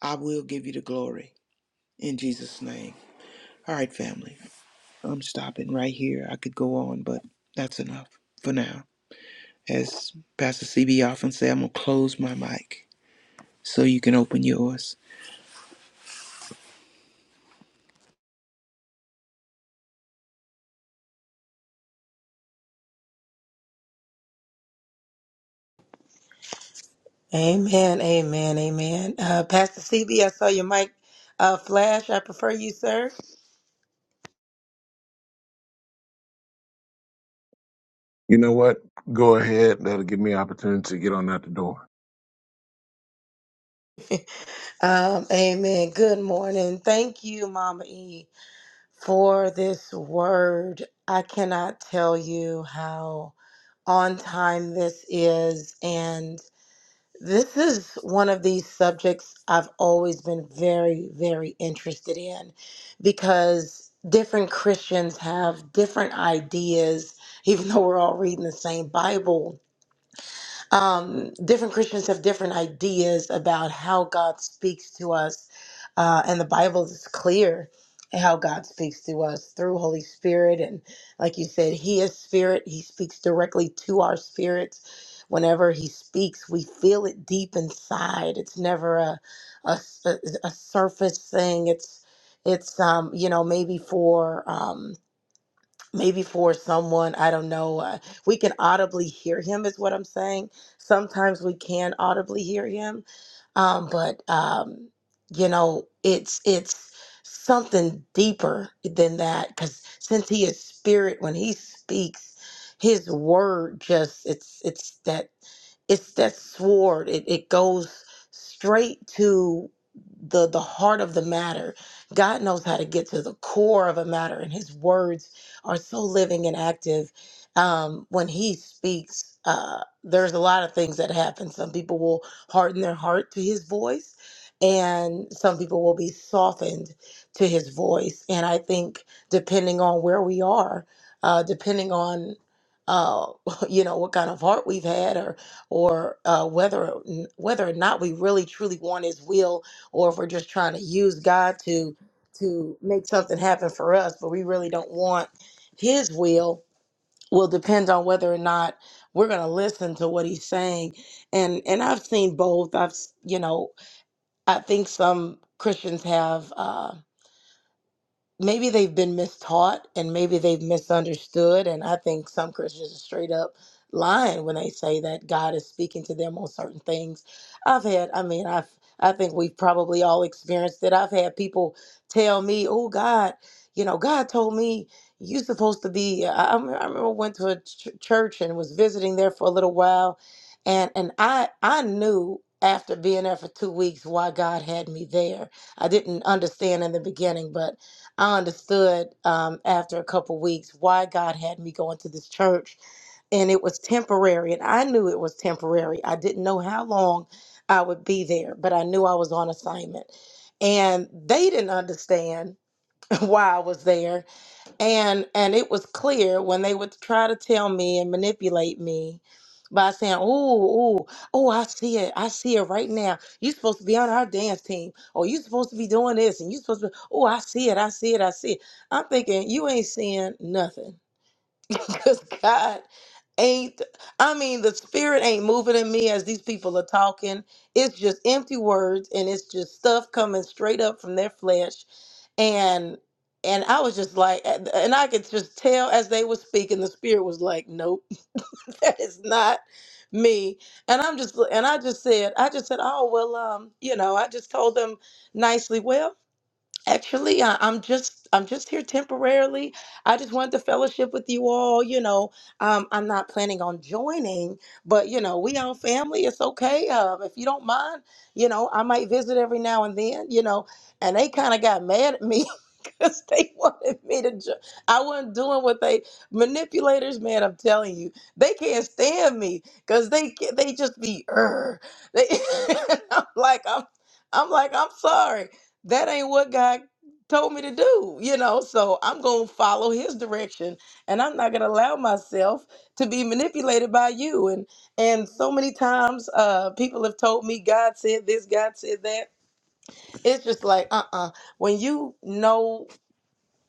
I will give you the glory in Jesus' name. All right, family. I'm stopping right here. I could go on, but that's enough for now. As Pastor CB often say, I'm gonna close my mic so you can open yours.
Amen, amen, amen. Uh, Pastor CB, I saw your mic uh, flash. I prefer you, sir.
You know what? Go ahead. That'll give me an opportunity to get on out the door.
Um, amen. Good morning. Thank you, Mama E, for this word. I cannot tell you how on time this is. and. This is one of these subjects I've always been very, very interested in because different Christians have different ideas, even though we're all reading the same Bible um, different Christians have different ideas about how God speaks to us, uh, and the Bible is clear how God speaks to us through Holy Spirit. And like you said, He is Spirit. He speaks directly to our spirits. Whenever He speaks, we feel it deep inside. It's never a a, a surface thing. It's it's um, you know maybe for. Um, maybe for someone i don't know uh, we can audibly hear him is what i'm saying sometimes we can audibly hear him um, but um, you know it's it's something deeper than that because since he is spirit when he speaks his word just it's it's that it's that sword it, it goes straight to the the heart of the matter god knows how to get to the core of a matter and his words are so living and active. Um, when he speaks, uh, there's a lot of things that happen. Some people will harden their heart to his voice, and some people will be softened to his voice. And I think depending on where we are, uh, depending on uh, you know what kind of heart we've had, or or uh, whether whether or not we really truly want His will, or if we're just trying to use God to to make something happen for us, but we really don't want his will will depend on whether or not we're going to listen to what he's saying and and i've seen both i've s- you know i think some christians have Uh, maybe they've been mistaught and maybe they've misunderstood. And I think some Christians are straight up lying when they say that God is speaking to them on certain things. I've had, I mean, I've, I think we've probably all experienced it. I've had people tell me, oh, God, you know, God told me you're supposed to be. I, I remember I went to a ch- church and was visiting there for a little while. And, and I, I knew after being there for two weeks why God had me there. I didn't understand in the beginning, but I understood um, after a couple weeks why God had me going to this church, and it was temporary, and I knew it was temporary. I didn't know how long I would be there, but I knew I was on assignment. And they didn't understand why I was there and and it was clear when they would try to tell me and manipulate me by saying, "Oh, oh, oh, I see it, I see it right now. You're supposed to be on our dance team, Oh, you're supposed to be doing this, and you're supposed to. Oh, I see it, I see it, I see it." I'm thinking you ain't seeing nothing. because God ain't, I mean, the spirit ain't moving in me as these people are talking. It's just empty words and it's just stuff coming straight up from their flesh. And and I was just like, and I could just tell as they were speaking, the spirit was like, nope, that is not me. And I'm just, and I just said, I just said, oh, well, um, you know, I just told them nicely, well. Actually, I, I'm just I'm just here temporarily. I just wanted to fellowship with you all. You know, um, I'm not planning on joining, but you know, we all family. It's okay. Um, if you don't mind, you know, I might visit every now and then. You know, and they kind of got mad at me because they wanted me to. Jo- I wasn't doing what they manipulators, man. I'm telling you, they can't stand me because they ca- they just be. "Urgh." They, I'm like I'm. I'm like I'm sorry that ain't what God told me to do, you know. So I'm going to follow his direction and I'm not going to allow myself to be manipulated by you. And and so many times uh people have told me God said this, God said that. It's just like, uh-uh. When you know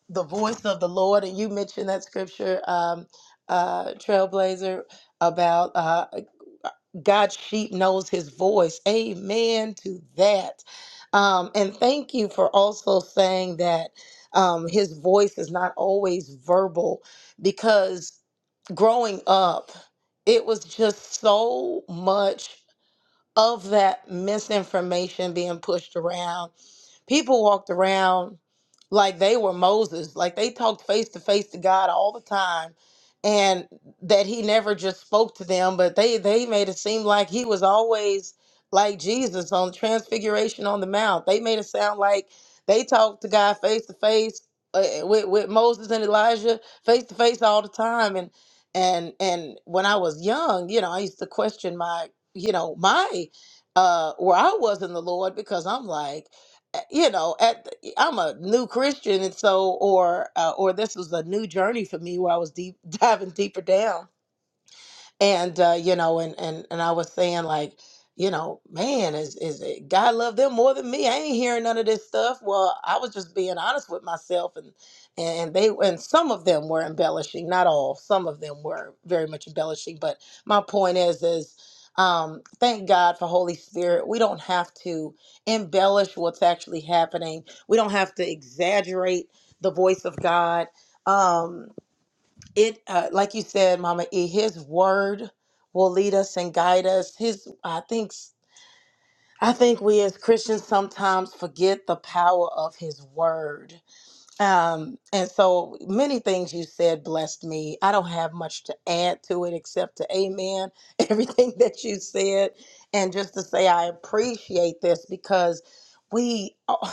the voice of the Lord, and you mentioned that scripture, um, uh, Trailblazer, about uh, God's sheep knows his voice. Amen to that. Um, and thank you for also saying that um, his voice is not always verbal because growing up, it was just so much of that misinformation being pushed around People walked around like they were Moses, like they talked face to face to God all the time, and that he never just spoke to them, but they they made it seem like he was always like Jesus on Transfiguration on the Mount. They made it sound like they talked to God face to face uh, with with Moses and Elijah face to face all the time, and and and when I was young, you know, I used to question my you know my uh where I was in the Lord because I'm like eh, you know at the- i'm a new christian and so or uh, or this was a new journey for me where i was deep diving deeper down and uh, you know, and and and I was saying like, you know, man, is is it God love them more than me? I ain't hearing none of this stuff. Well, I was just being honest with myself, and and they and some of them were embellishing, not all. Some of them were very much embellishing, but my point is is. Um, thank God for Holy Spirit. We don't have to embellish what's actually happening. We don't have to exaggerate the voice of God. Um, it uh, like you said mama e his word will lead us and guide us his i think i think we as christians sometimes forget the power of his word um and so many things you said blessed me i don't have much to add to it except to amen everything that you said and just to say i appreciate this because we uh,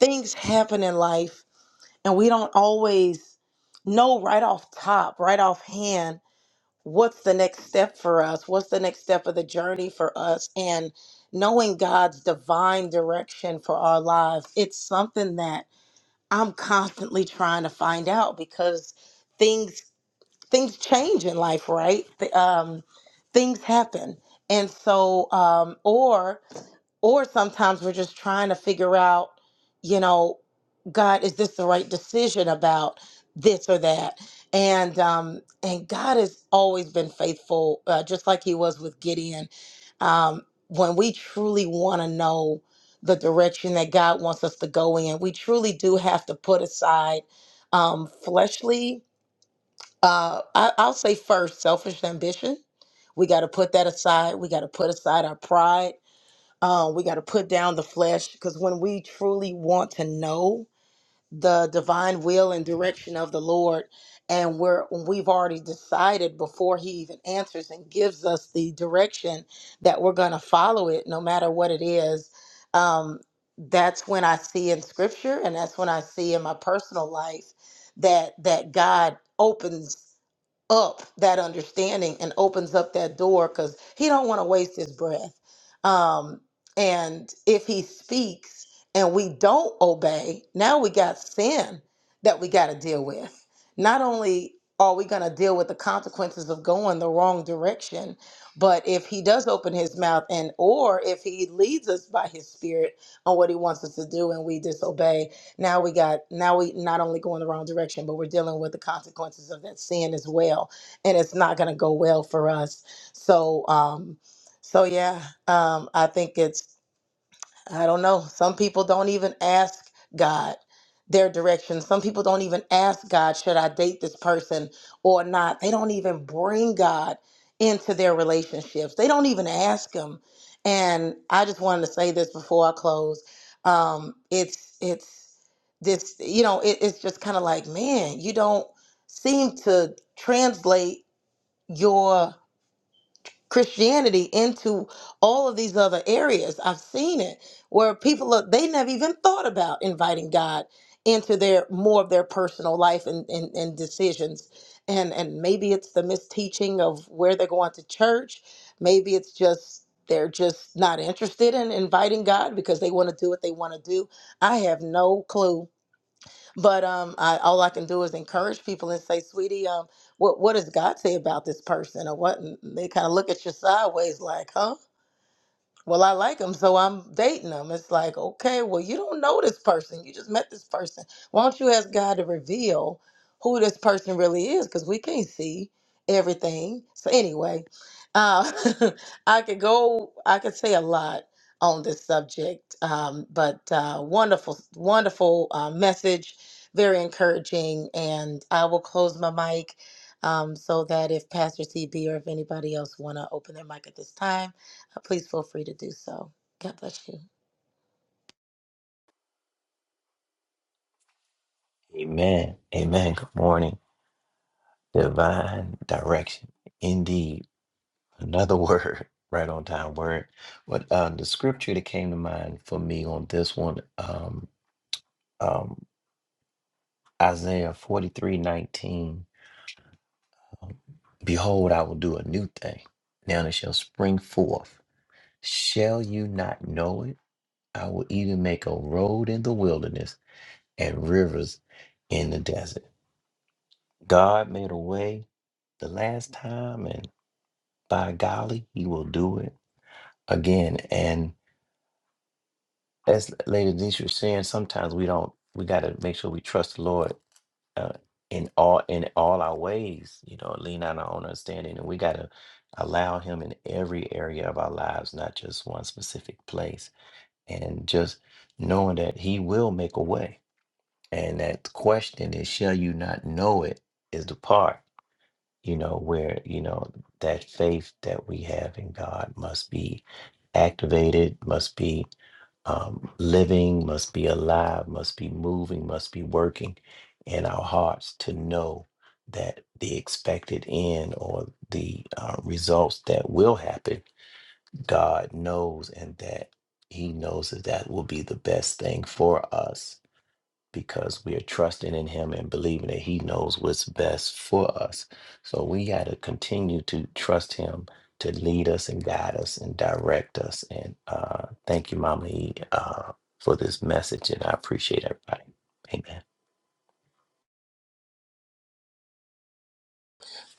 things happen in life and we don't always know right off top right off hand what's the next step for us what's the next step of the journey for us and knowing god's divine direction for our lives it's something that i'm constantly trying to find out because things things change in life right Th- um, things happen and so um, or or sometimes we're just trying to figure out, you know, God, is this the right decision about this or that? And um, and God has always been faithful, uh, just like He was with Gideon. Um, when we truly want to know the direction that God wants us to go in, we truly do have to put aside um, fleshly. Uh, I, I'll say first, selfish ambition. We got to put that aside. We got to put aside our pride. Um, we got to put down the flesh because when we truly want to know the divine will and direction of the Lord, and we're we've already decided before He even answers and gives us the direction that we're going to follow it, no matter what it is. Um, that's when I see in Scripture, and that's when I see in my personal life that that God opens up that understanding and opens up that door because he don't want to waste his breath um and if he speaks and we don't obey now we got sin that we got to deal with not only are we going to deal with the consequences of going the wrong direction but if he does open his mouth and or if he leads us by his spirit on what he wants us to do and we disobey now we got now we not only go in the wrong direction, but we're dealing with the consequences of that sin as well, and it's not going to go well for us. So um, so yeah, um, I think it's I don't know. Some people don't even ask God their direction. Some people don't even ask God, should I date this person or not? They don't even bring God into their relationships. They don't even ask him. And I just wanted to say this before I close. Um, it's it's this, you know, it, it's just kind of like, man, you don't seem to translate your Christianity into all of these other areas. I've seen it where people are, they never even thought about inviting God into their more of their personal life and, and, and decisions. And and maybe it's the misteaching of where they're going to church. Maybe it's just they're just not interested in inviting God because they want to do what they want to do. I have no clue but um, I, all I can do is encourage people and say, "Sweetie, um, what what does God say about this person?" Or what? And they kind of look at you sideways, like, "Huh?" well, I like him, so I'm dating him. It's like, okay, well, you don't know this person. You just met this person. Why don't you ask God to reveal who this person really is? Because we can't see everything. So anyway, uh, I could go. I could say a lot on this subject, um, but uh, wonderful, wonderful uh, message, very encouraging. And I will close my mic um, so that if Pastor CB or if anybody else want to open their mic at this time please feel free to do so. God bless you.
Amen. Amen. Good morning. Divine direction. Indeed. Another word, right on time word. But uh, the scripture that came to mind for me on this one, um, um, Isaiah forty-three nineteen. um, Behold, I will do a new thing. Now it shall spring forth. Shall you not know it? I will even make a road in the wilderness and rivers in the desert. God made a way the last time, and by golly, He will do it again. And as Lady Denise was saying, sometimes we don't. We got to make sure we trust the Lord uh, in all in all our ways. You know, lean on our own understanding, and we got to allow Him in every area of our lives, not just one specific place. And just knowing that He will make a way, and that question is, "Shall you not know it?" is the part you know, where, you know, that faith that we have in God must be activated, must be um, living, must be alive, must be moving, must be working in our hearts to know that the expected end or the uh, results that will happen, God knows, and that He knows that that will be the best thing for us because we are trusting in him and believing that he knows what's best for us. So we got to continue to trust him to lead us and guide us and direct us. And uh, thank you, Mama E, uh, for this message. And I appreciate everybody. Amen.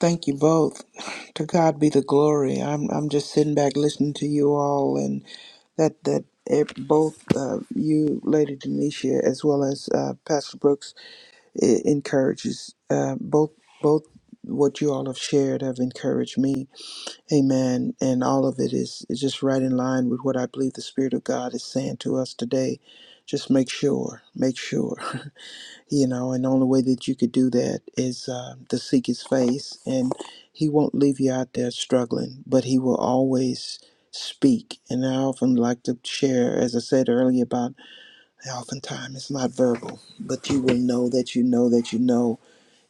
Thank you both. To God be the glory. I'm I'm just sitting back listening to you all, and that that eh, both uh, you, Lady Denisha, as well as uh, Pastor Brooks it encourages uh, both both what you all have shared have encouraged me amen and all of it is, is just right in line with what i believe the spirit of god is saying to us today just make sure make sure you know and the only way that you could do that is uh, to seek his face and he won't leave you out there struggling but he will always speak and i often like to share as i said earlier about oftentimes it's not verbal but you will know that you know that you know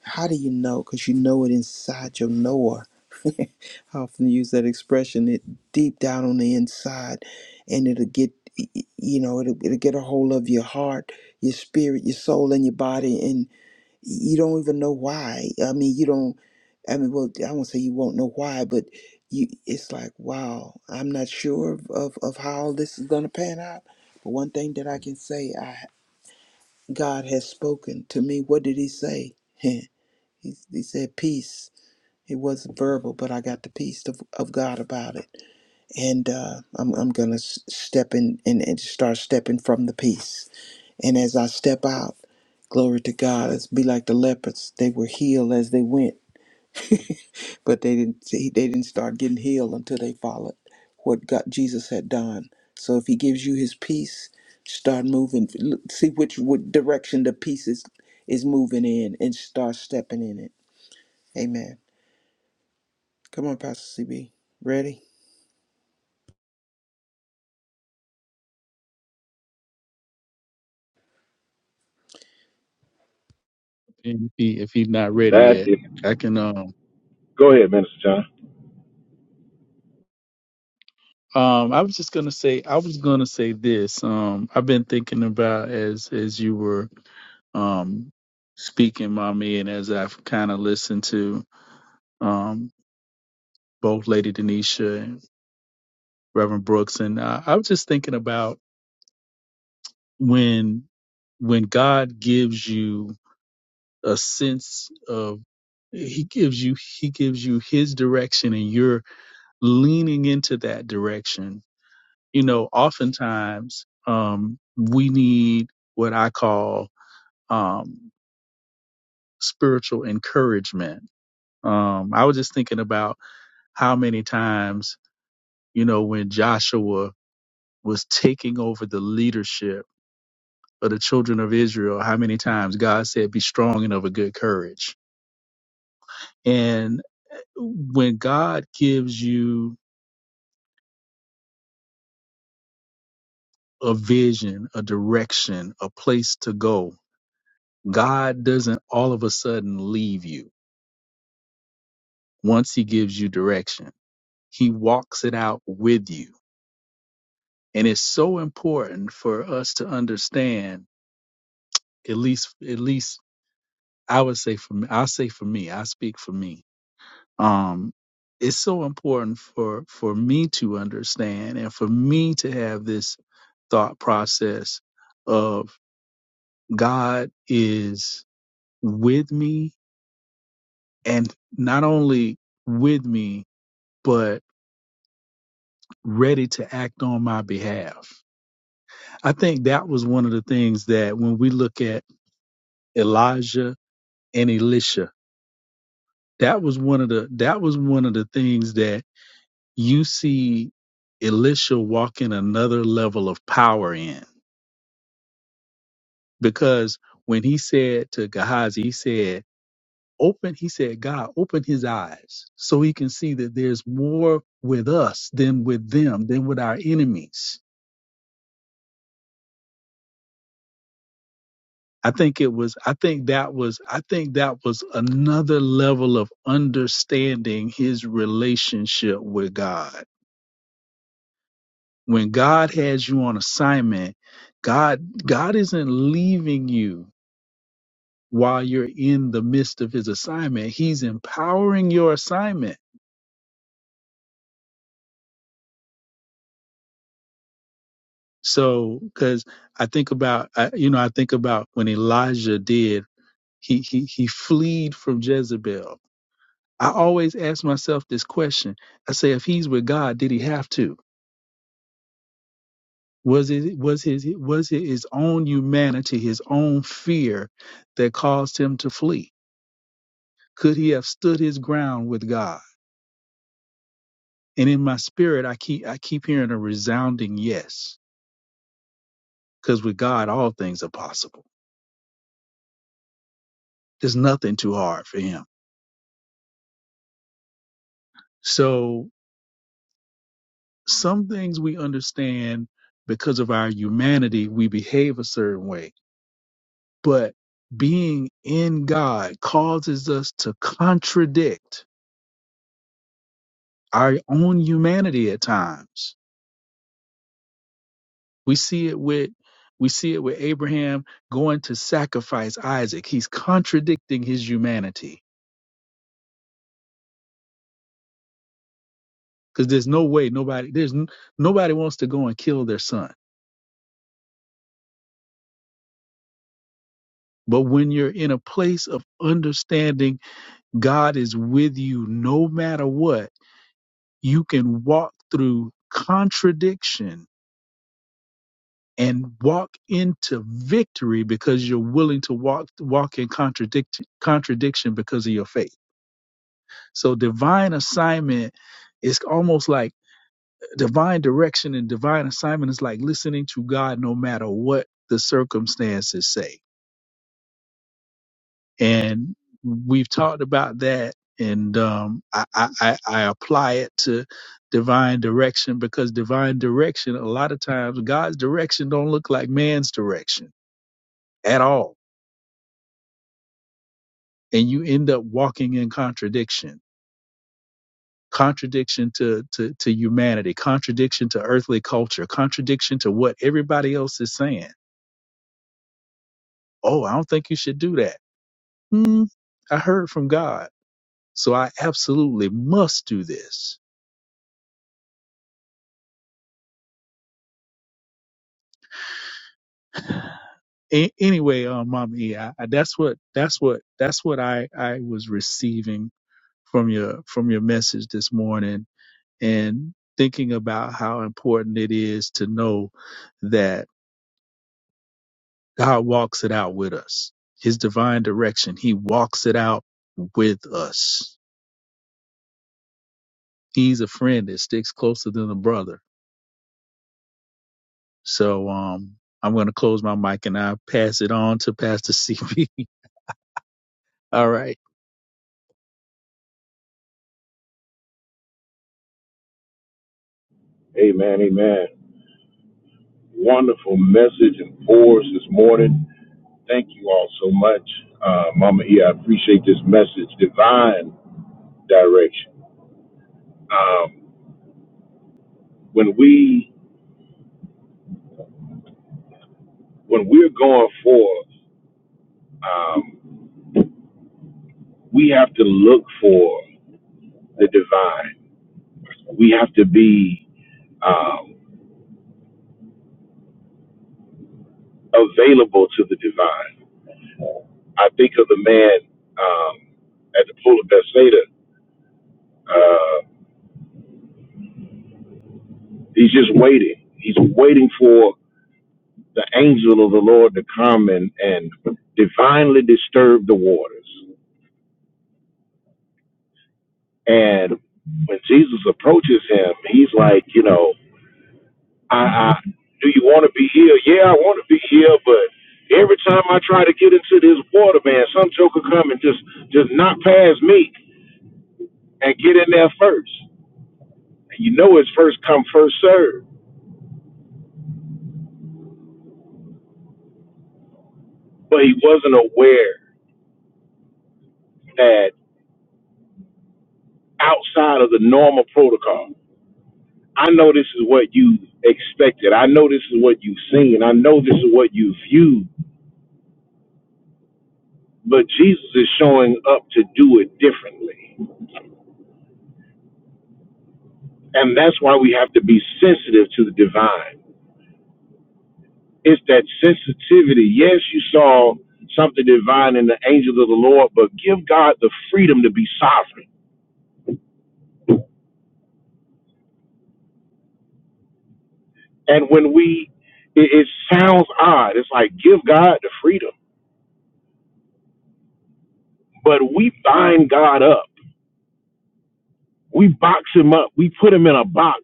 how do you know? Because you know it inside your knower. I often use that expression. It deep down on the inside, and it'll get you know it'll, it'll get a hold of your heart, your spirit, your soul, and your body, and you don't even know why. I mean, you don't. I mean, well, I won't say you won't know why, but you. It's like, wow, I'm not sure of of, of how all this is going to pan out. But one thing that I can say, I God has spoken to me. What did He say? He, he said peace. It wasn't verbal, but I got the peace of, of God about it, and uh, I'm I'm gonna step in and, and start stepping from the peace. And as I step out, glory to God, it's be like the lepers. They were healed as they went, but they didn't they didn't start getting healed until they followed what God Jesus had done. So if He gives you His peace, start moving. Look, See which, which direction the peace is is moving in, and start stepping in it. Amen. Come on, Pastor CB. Ready?
And if he, if he's not ready
That
yet,
is,
I can um
go ahead, Minister John.
um I was just gonna say I was gonna say this. Um I've been thinking about as as you were um speaking, mommy, and as I've kind of listened to um both Lady Denisha and Reverend Brooks, and I, I was just thinking about when when God gives you a sense of he gives you he gives you his direction and you're leaning into that direction. You know, oftentimes um, we need what I call um, spiritual encouragement. Um, I was just thinking about how many times, you know, when Joshua was taking over the leadership of the children of Israel, how many times God said, Be strong and of a good courage. And when God gives you a vision, a direction, a place to go, God doesn't all of a sudden leave you once he gives you direction. He walks it out with you. And it's so important for us to understand, at least, at least I would say for me, I'll say for me, I speak for me. Um, it's so important for, for me to understand and for me to have this thought process of God is with me and not only with me, but ready to act on my behalf. I think that was one of the things that when we look at Elijah and Elisha, that was one of the that was one of the things that you see Elisha walking another level of power in. Because when he said to Gehazi, he said, Open, he said, God, open his eyes so he can see that there's more with us than with them, than with our enemies I think it was I think that was I think that was another level of understanding his relationship with God. When God has you on assignment, God God isn't leaving you while you're in the midst of his assignment. He's empowering your assignment. So cuz I think about I, you know I think about when Elijah did he he he fled from Jezebel I always ask myself this question. I say, if he's with God, did he have to? Was it was his was it his own humanity, his own fear that caused him to flee? Could he have stood his ground with God? And in my spirit, I keep I keep hearing a resounding yes, because with God, all things are possible. There's nothing too hard for him. So some things we understand because of our humanity, we behave a certain way but being in God causes us to contradict our own humanity at times. We see it with we see it with Abraham going to sacrifice Isaac. He's contradicting his humanity because there's no way nobody there's n- nobody wants to go and kill their son. But when you're in a place of understanding God is with you no matter what, you can walk through contradiction and walk into victory because you're willing to walk walk in contradiction contradiction because of your faith. So divine assignment is almost like divine direction and divine assignment is like listening to God no matter what the circumstances say. And we've talked about that and um, I, I, I I apply it to divine direction because divine direction a lot of times God's direction don't look like man's direction at all and you end up walking in contradiction contradiction to, to to humanity contradiction to earthly culture contradiction to what everybody else is saying oh i don't think you should do that hmm i heard from god so i absolutely must do this A- anyway um mom e I, I, that's what that's what that's what i i was receiving from your from your message this morning and thinking about how important it is to know that God walks it out with us. His divine direction, He walks it out with us. He's a friend that sticks closer than a brother. So um, I'm going to close my mic and I pass it on to Pastor CB. All right.
Amen, amen. Wonderful message and pours this morning. Thank you all so much, uh, Mama E. I appreciate this message, divine direction. Um, when we when we're going forth, um, we have to look for the divine. We have to be um, available to the divine. I think of the man um, at the pool of Bethsaida. Uh, he's just waiting. He's waiting for the angel of the Lord to come and, and divinely disturb the waters. And when Jesus approaches him, he's like, you know, I, I do you want to be here? Yeah, I want to be here, but every time I try to get into this water, man, some joker come and just just knock past me and get in there first. And you know it's first come, first serve. but he wasn't aware that outside of the normal protocol, I know this is what you expected. I know this is what you've seen. I know this is what you viewed. But Jesus is showing up to do it differently. And that's why we have to be sensitive to the divine. It's that sensitivity. Yes, you saw something divine in the angels of the Lord, but give God the freedom to be sovereign. And when we, it, it sounds odd. It's like, give God the freedom but we bind God up. We box him up. We put him in a box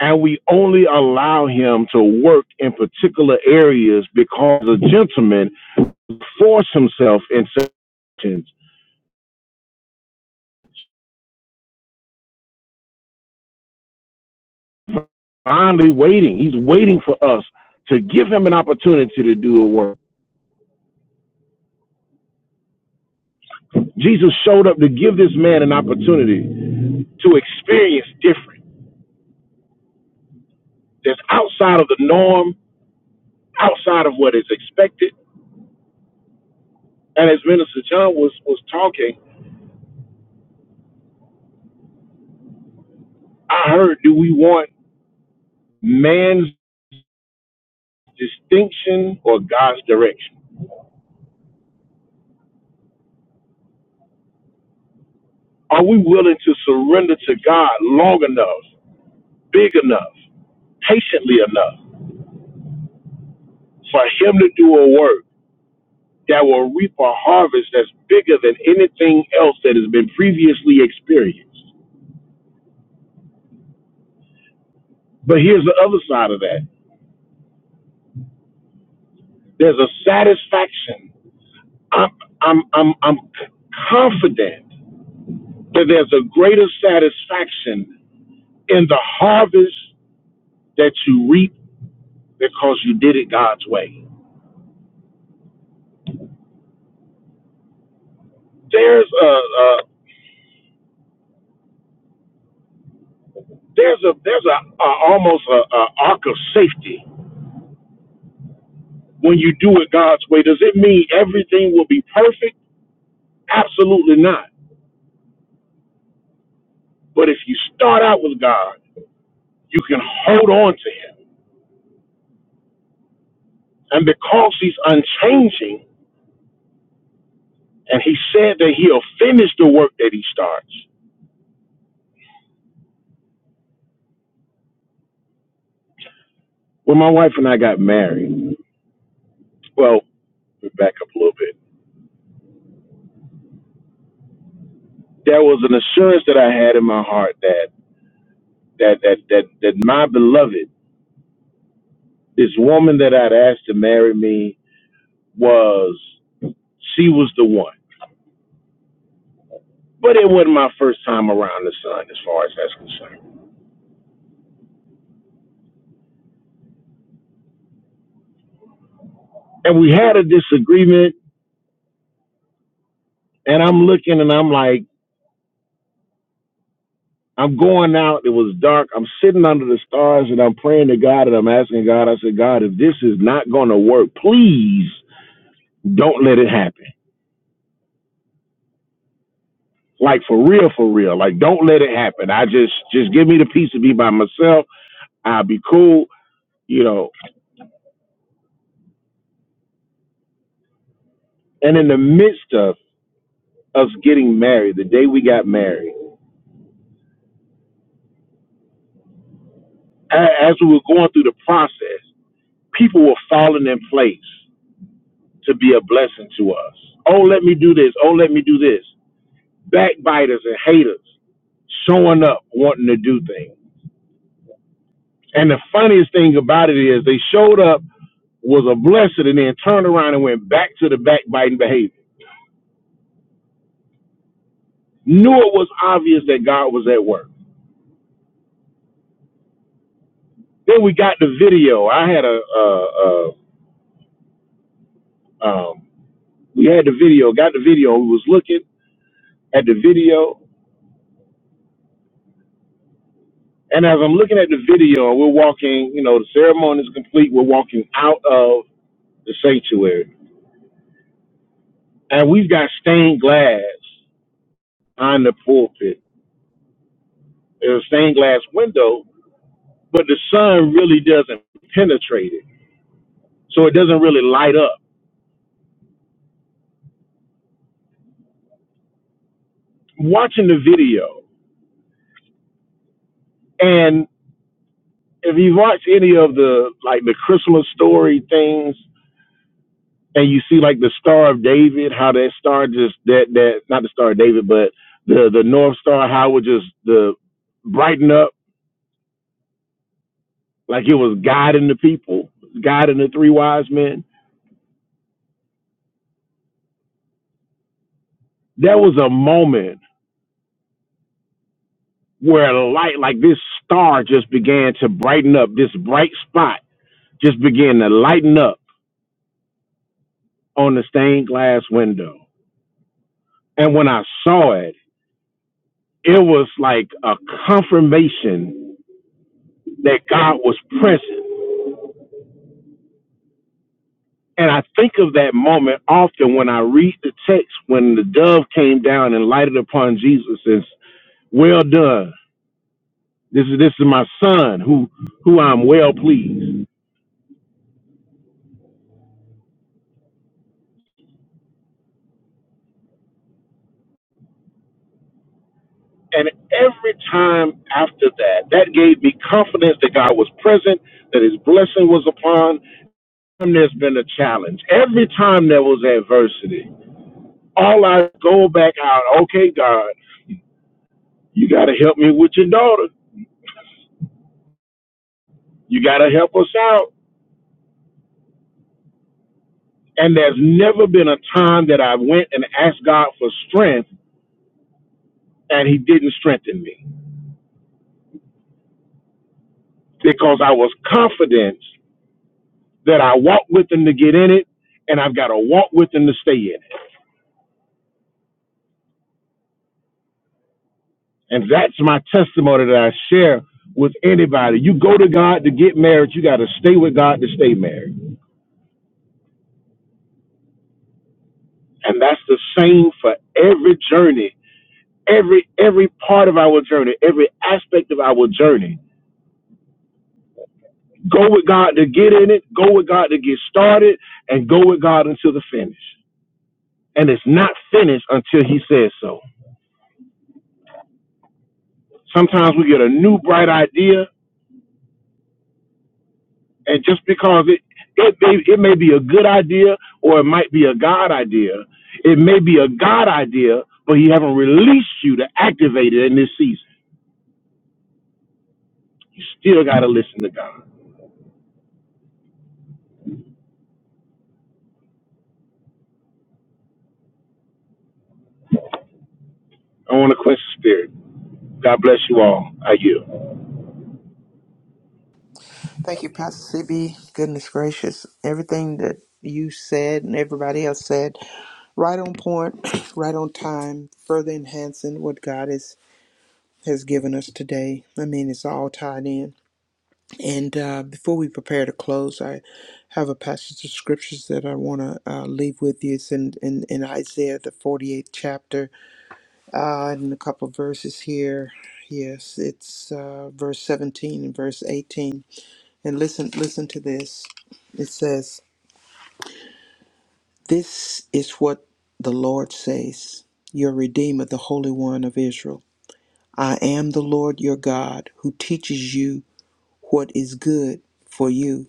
and we only allow him to work in particular areas because a gentleman forced himself in sections, finally waiting. He's waiting for us to give him an opportunity to do a work. Jesus showed up to give this man an opportunity to experience different that's outside of the norm, outside of what is expected. And as Minister John was, was talking, I heard, do we want man's distinction or God's direction? Are we willing to surrender to God long enough, big enough, patiently enough for Him to do a work that will reap a harvest that's bigger than anything else that has been previously experienced? But here's the other side of that there's a satisfaction. I'm, I'm, I'm, I'm confident that there's a greater satisfaction in the harvest that you reap because you did it God's way there's a, a there's a there's a, a almost a, a arc of safety when you do it God's way. Does it mean everything will be perfect? Absolutely not. But if you start out with God, you can hold on to Him, and because He's unchanging, and He said that He'll finish the work that He starts. When my wife and I got married, well, let back up a little bit. There was an assurance that I had in my heart that that that that, that my beloved This woman that I'd asked to marry me was, she was the one. But it wasn't my first time around the sun as far as that's concerned. And we had a disagreement, and I'm looking and I'm like, I'm going out. It was dark. I'm sitting under the stars and I'm praying to God and I'm asking God, I said, God, if this is not going to work, please don't let it happen. Like for real, for real. Like don't let it happen. I just, just give me the peace to be by myself. I'll be cool, you know. And in the midst of us getting married, the day we got married, a- as we were going through the process, people were falling in place to be a blessing to us. Oh, let me do this. Oh, let me do this. Backbiters and haters showing up wanting to do things. And the funniest thing about it is they showed up, was a blessing, and then turned around and went back to the backbiting behavior. Knew it was obvious that God was at work. Then we got the video. I had a, uh, uh, um, we had the video, got the video. We was looking. at the video. And as I'm looking at the video, we're walking, you know, the ceremony is complete. We're walking out of the sanctuary. And we've got stained glass on the pulpit. There's a stained glass window, but the sun really doesn't penetrate it. So it doesn't really light up. Watching the video, and if you watch any of the like the Christmas story things, and you see like the Star of David, how that star just that that not the Star of David, but the the North Star, how it would just the brighten up like it was guiding the people, guiding the three wise men. There was a moment where a light like this star just began to brighten up. This bright spot just began to lighten up on the stained glass window. And when I saw it, it was like a confirmation that God was present And I think of that moment often when I read the text when the dove came down and lighted upon Jesus and says, Well done. This is this is my son who who I'm well pleased. And every time after that, that gave me confidence that God was present, that his blessing was upon. him. there's been a challenge. Every time there was adversity, all I go back out, okay, God, you gotta help me with your daughter. You gotta help us out And there's never been a time that I went and asked God for strength and he didn't strengthen me because I was confident that I walked with him to get in it and I've got to walk with him to stay in it. And that's my testimony that I share with anybody. You go to God to get married, you got to stay with God to stay married. And that's the same for every journey, every every part of our journey, every aspect of our journey Go with God to get in it, go with God to get started, and go with God until the finish. And it's not finished until He says so. Sometimes we get a new bright idea, and just because it it may, it may be a good idea or it might be a God idea, it may be a God idea, but He haven't released you to activate it in this season. You still got to listen to God. I want to quench the spirit. God bless you all. I yield.
Thank you, Pastor CB. Goodness gracious. Everything that you said and everybody else said, right on point, right on time, further enhancing what God is, has given us today. I mean, it's all tied in. And uh, before we prepare to close, I have a passage of scriptures that I want to uh, leave with you. It's in, in, in Isaiah, the 48th chapter, uh, and a couple of verses here. Yes, it's uh, verse 17 and verse 18. And listen, listen to this. It says, This is what the Lord says, your Redeemer, the Holy One of Israel. I am the Lord your God who teaches you what is good for you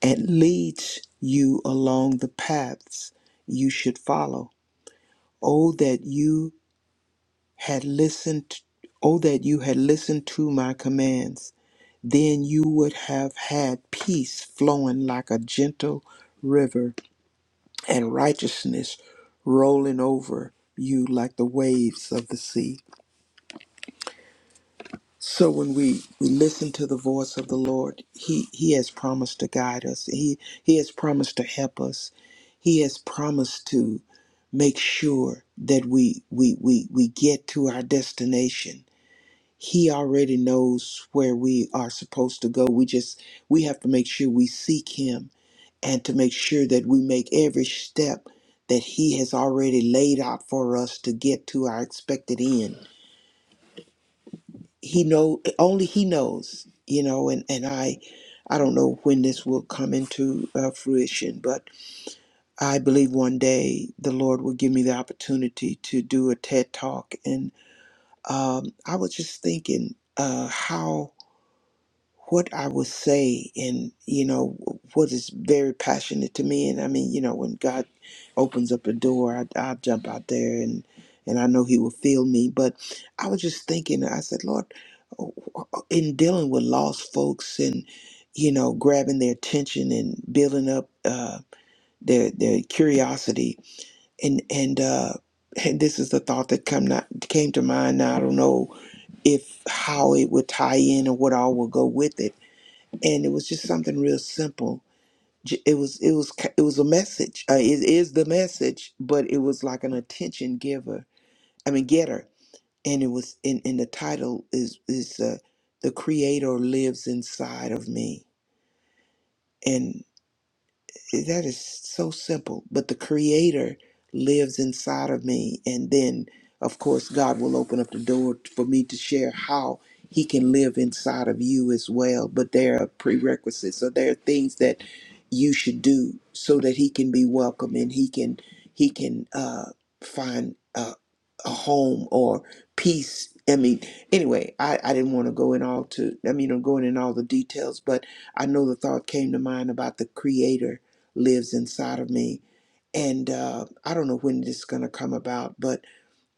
and leads you along the paths you should follow. Oh, that you had listened, oh, that you had listened to my commands. Then you would have had peace flowing like a gentle river and righteousness rolling over you like the waves of the sea. So when we, we listen to the voice of the Lord, He He has promised to guide us. He He has promised to help us. He has promised to make sure that we we we, we get to our destination. He already knows where we are supposed to go. We just we have to make sure we seek him and to make sure that we make every step that he has already laid out for us to get to our expected end he know only he knows you know and and i i don't know when this will come into uh, fruition but i believe one day the lord will give me the opportunity to do a ted talk and um, i was just thinking uh, how what I would say and you know what is very passionate to me and I mean you know when God opens up a door I I jump out there and and I know he will feel me but I was just thinking I said Lord in dealing with lost folks and you know grabbing their attention and building up uh, their their curiosity and and uh and this is the thought that come not, came to mind now I don't know if how it would tie in or what all will go with it and it was just something real simple. J- It was it was ki- it was a message. Uh, it is the message, but it was like an attention giver. I mean, getter. And it was in in the title is is uh, the Creator lives inside of me, And. See, that is so simple. But the Creator lives inside of me. And then, of course, God will open up the door for me to share how He can live inside of you as well. But there are prerequisites. So there are things that you should do so that He can be welcome and He can He can uh, find a, a home or peace. I mean, anyway, I, I didn't want to go in all to I mean, I'm going in all the details, but I know the thought came to mind about the Creator lives inside of me. And uh, I don't know when this is going to come about, but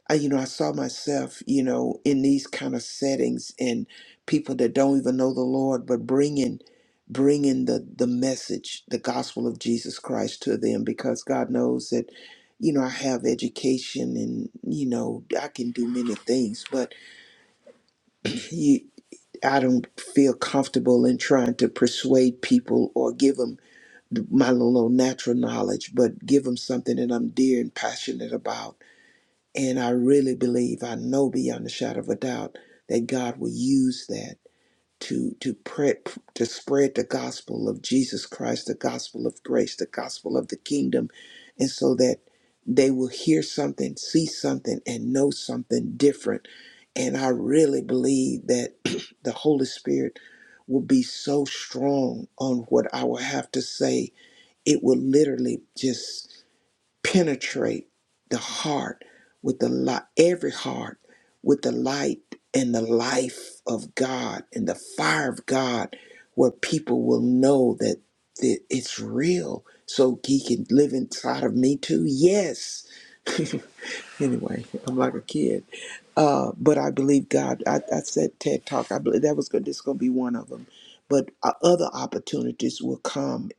I, you know, I saw myself, you know, in these kind of settings and people that don't even know the Lord, but bringing, bringing the the message, the gospel of Jesus Christ to them, because God knows that, you know, I have education and you know I can do many things, but you, I don't feel comfortable in trying to persuade people or give them my little natural knowledge, but give them something that I'm dear and passionate about. And I really believe, I know beyond a shadow of a doubt, that God will use that to to pre to spread the gospel of Jesus Christ, the gospel of grace, the gospel of the kingdom, and so that they will hear something, see something, and know something different. And I really believe that the Holy Spirit will be so strong on what I will have to say it will literally just penetrate the heart with the light, every heart with the light and the life of God and the fire of God, where people will know that that it's real. So he can live inside of me too. Yes. anyway, I'm like a kid, uh, but I believe God. I, I said TED Talk. I believe that was going. This going to be one of them, but uh, other opportunities will come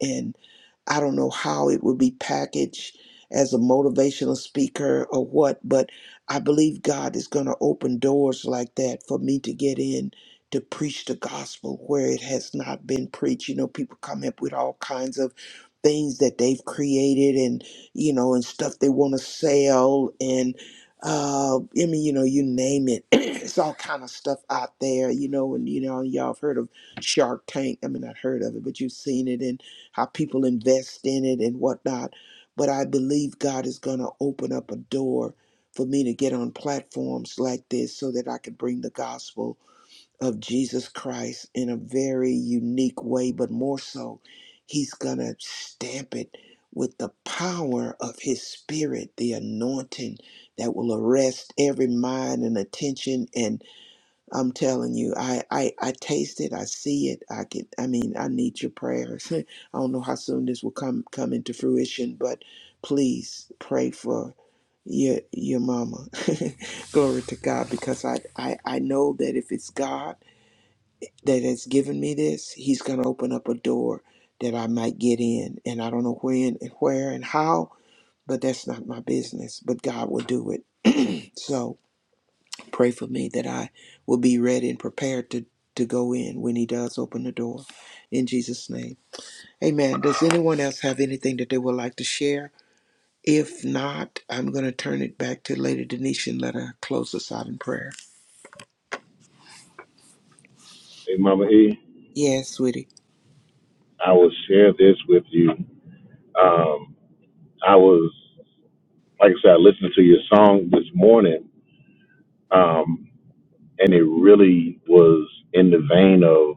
I don't know how it would be packaged as a motivational speaker or what, but I believe God is going to open doors like that for me to get in to preach the gospel where it has not been preached. You know, people come up with all kinds of things that they've created and, you know, and stuff they want to sell and uh, I mean, you know, you name it. it's all kind of stuff out there, you know, and you know, y'all have heard of Shark Tank. I mean, not heard of it, but you've seen it. and how people invest in it and whatnot. But I believe God is going to open up a door for me to get on platforms like this so that I can bring the gospel of Jesus Christ in a very unique way, but more so, He's going to stamp it with the power of His Spirit, the anointing that will arrest every mind and attention and I'm telling you, I, I, I taste it, I see it, I can I mean, I need your prayers. I don't know how soon this will come come into fruition, but please pray for your your mama. Glory to God, because I, I, I know that if it's God that has given me this, He's gonna open up a door that I might get in. And I don't know when and where and how, but that's not my business. But God will do it. So. Pray for me that I will be ready and prepared to, to go in when he does open the door. In Jesus' name. Amen. Does anyone else have anything that they would like to share? If not, I'm going to turn it back to Lady Denisha and let her close us out in prayer.
Hey, Mama E,
Yes, sweetie.
I will share this with you. Um, I was. like I said, I listened to your song this morning, um, and it really was in the vein of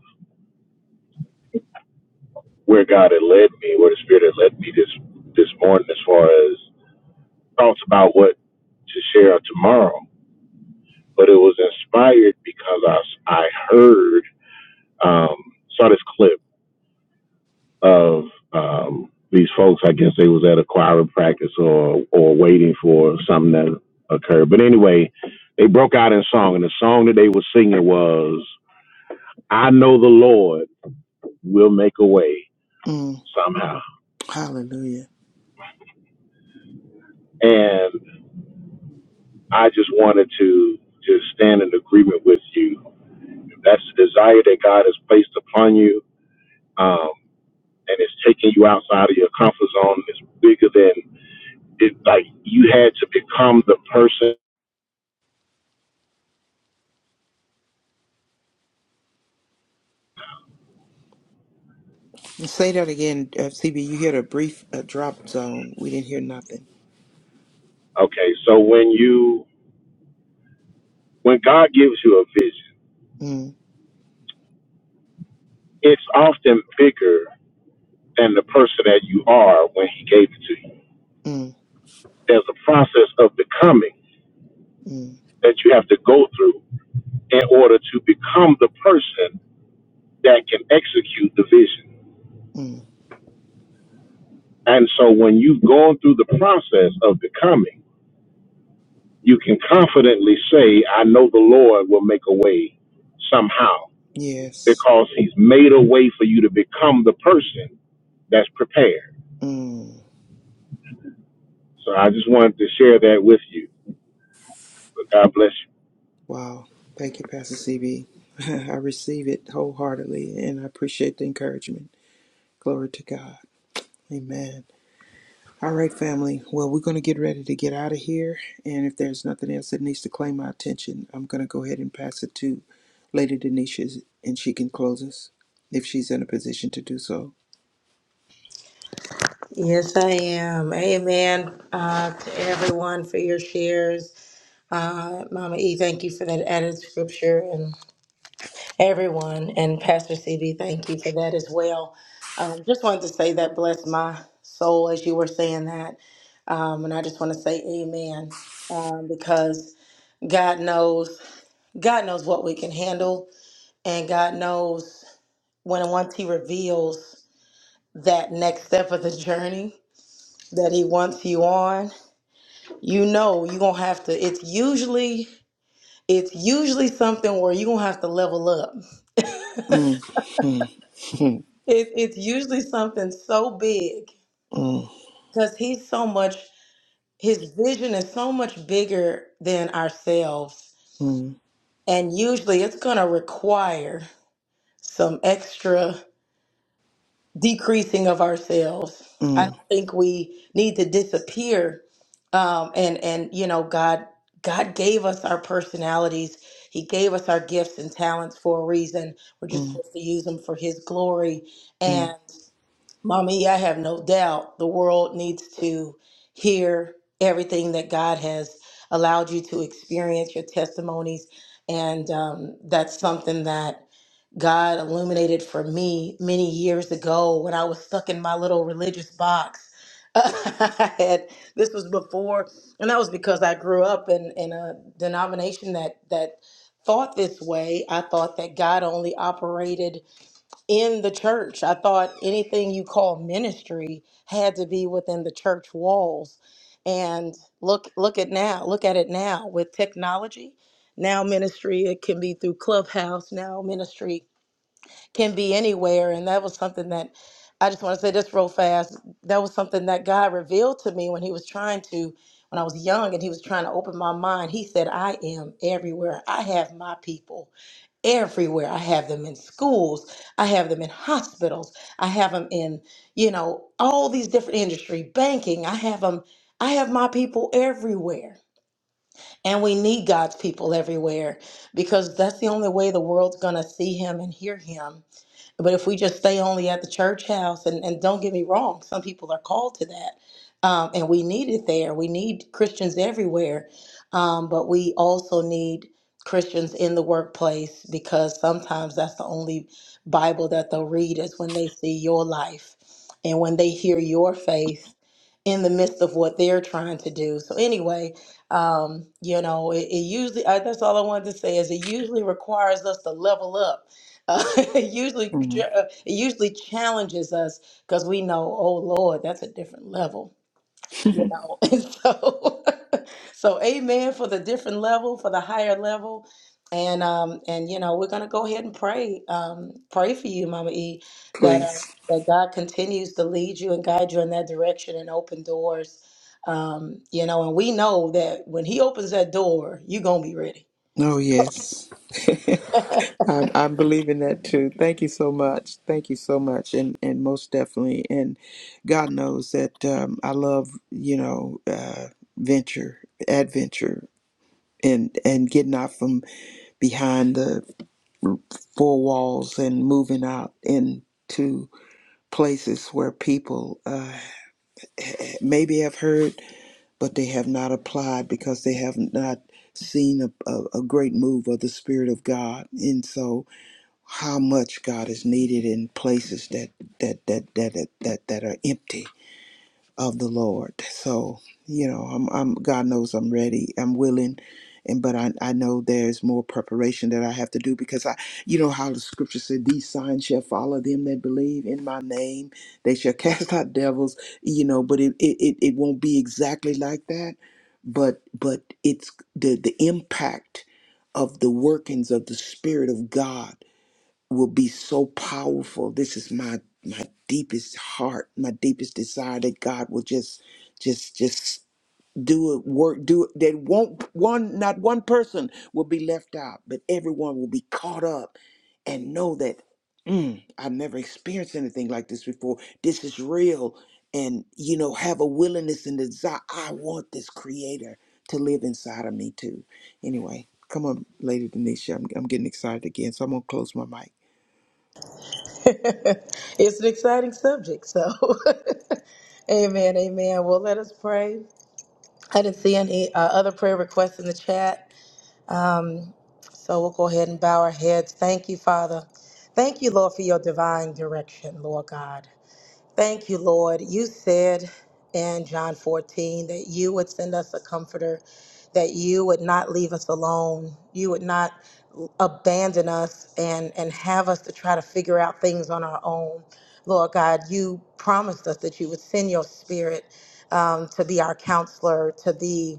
where God had led me, where the Spirit had led me this this morning, as far as thoughts about what to share tomorrow. But it was inspired because I I heard um, saw this clip of um, these folks. I guess they was at a choir practice or or waiting for something that occurred. But anyway, they broke out in song, and the song that they were singing was. I know the Lord will make a way
Mm,
somehow.
hallelujah.
And I just wanted to just stand in agreement with you. If that's the desire that God has placed upon you, um, and it's taking you outside of your comfort zone, it's bigger than it like you had to become the person.
Say that again, uh, CB. You heard a brief uh, drop zone. We didn't hear nothing.
Okay, so when you when God gives you a vision,
Mm,
it's often bigger than the person that you are when he gave it to you.
mm,
There's a process of becoming
mm,
that you have to go through in order to become the person that can execute the vision.
mm.
And so when you've gone through the process of becoming, you can confidently say, I know the Lord will make a way somehow
Yes.
because he's made a way for you to become the person that's prepared.
Mm.
So I just wanted to share that with you. But God bless you.
Wow. Thank you, Pastor CB. I receive it wholeheartedly and I appreciate the encouragement. Glory to God. Amen. All right, family. Well, we're going to get ready to get out of here. And if there's nothing else that needs to claim my attention, I'm going to go ahead and pass it to Lady Denisha and she can close us if she's in a position to do so.
Yes, I am. Amen uh, to everyone for your shares. Uh, Mama E, thank you for that added scripture, and everyone, and Pastor CB, thank you for that as well. Um, just wanted to say that bless my soul as you were saying that, um, and I just want to say Amen um, because God knows, God knows what we can handle, and God knows when once He reveals. that next step of the journey that he wants you on you know you're gonna have to it's usually it's usually something where you're gonna have to level up
Mm, mm, mm,
it, it's usually something so big
mm,
because he's so much his vision is so much bigger than ourselves
mm,
and usually it's gonna require some extra decreasing of ourselves. I don't think we need to disappear. Um, and and you know, God God gave us our personalities. He gave us our gifts and talents for a reason. We're just
mm,
supposed to use them for His glory.
mm,
And mommy, I have no doubt the world needs to hear everything that God has allowed you to experience, your testimonies, and um, that's something that God illuminated for me many years ago when I was stuck in my little religious box. I had this was before, and that was because I grew up in, in a denomination that that thought this way. I thought that God only operated in the church. I thought anything you call ministry had to be within the church walls. And look look at now, look at it now with technology. Now ministry it can be through Clubhouse. Now ministry can be anywhere. And that was something that I just want to say this real fast. That was something that God revealed to me when He was trying to, when I was young and He was trying to open my mind. He said, I am everywhere. I have my people everywhere. I have them in schools. I have them in hospitals. I have them in, you know, all these different industry, banking. I have them. I have my people everywhere. And we need God's people everywhere because that's the only way the world's going to see him and hear him but if we just stay only at the church house, and, and don't get me wrong, some people are called to that. Um, and we need it there. We need Christians everywhere. Um, but we also need Christians in the workplace because sometimes that's the only Bible that they'll read is when they see your life and when they hear your faith in the midst of what they're trying to do. So, anyway, um, you know, it, it usually, I, that's all I wanted to say is it usually requires us to level up uh, it usually
mm,
uh, it usually challenges us because we know, oh Lord, that's a different level, you
mm.
know. And so, so amen for the different level, for the higher level, and um and you know we're gonna go ahead and pray, um pray for you, Mama E, that uh,
Please.
that God continues to lead you and guide you in that direction and open doors, um you know, and we know that when He opens that door, you're gonna be ready
Oh, yes. I'm, I'm believing that too. Thank you so much. Thank you so much, and and most definitely. And God knows that um, I love you know uh, venture, adventure, and and getting out from behind the four walls and moving out into places where people uh, maybe have heard, but they have not applied because they have not seen a, a, a great move of the Spirit of God. And so how much God is needed in places that that that that that that, that are empty of the Lord. So you know, I'm, I'm God knows I'm ready. I'm willing. And but I, I know there's more preparation that I have to do because I you know how the scripture said these signs shall follow them that believe in my name they shall cast out devils you know but it it, it, it won't be exactly like that but but it's the the impact of the workings of the spirit of God will be so powerful. This is my my deepest heart, my deepest desire that God will just just just do it work do it that won't one not one person will be left out, but everyone will be caught up and know that mm, I've never experienced anything like this before. This is real and you know have a willingness and desire. I want this creator to live inside of me too. Anyway, come on, Lady Denisha. I'm, I'm getting excited again, so I'm gonna close my mic.
it's an exciting subject. So, amen, amen. Well, let us pray. I didn't see any uh, other prayer requests in the chat. Um, so we'll go ahead and bow our heads. Thank you, Father. Thank you, Lord, for your divine direction, Lord God. Thank you, Lord. You said in John 14 that you would send us a comforter, that you would not leave us alone, you would not abandon us and, and have us to try to figure out things on our own. Lord God, you promised us that you would send your spirit um, to be our counselor, to be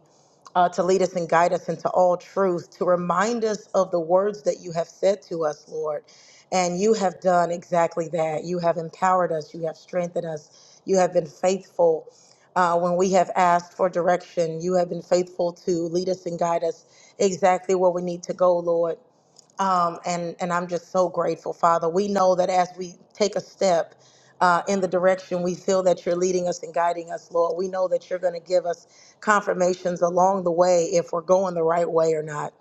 uh, to lead us and guide us into all truth, to remind us of the words that you have said to us, Lord. And you have done exactly that. You have empowered us, you have strengthened us, you have been faithful. Uh, when we have asked for direction, you have been faithful to lead us and guide us exactly where we need to go, Lord. Um, and, and I'm just so grateful, Father. We know that as we take a step uh, in the direction we feel that you're leading us and guiding us, Lord, we know that you're going to give us confirmations along the way if we're going the right way or not.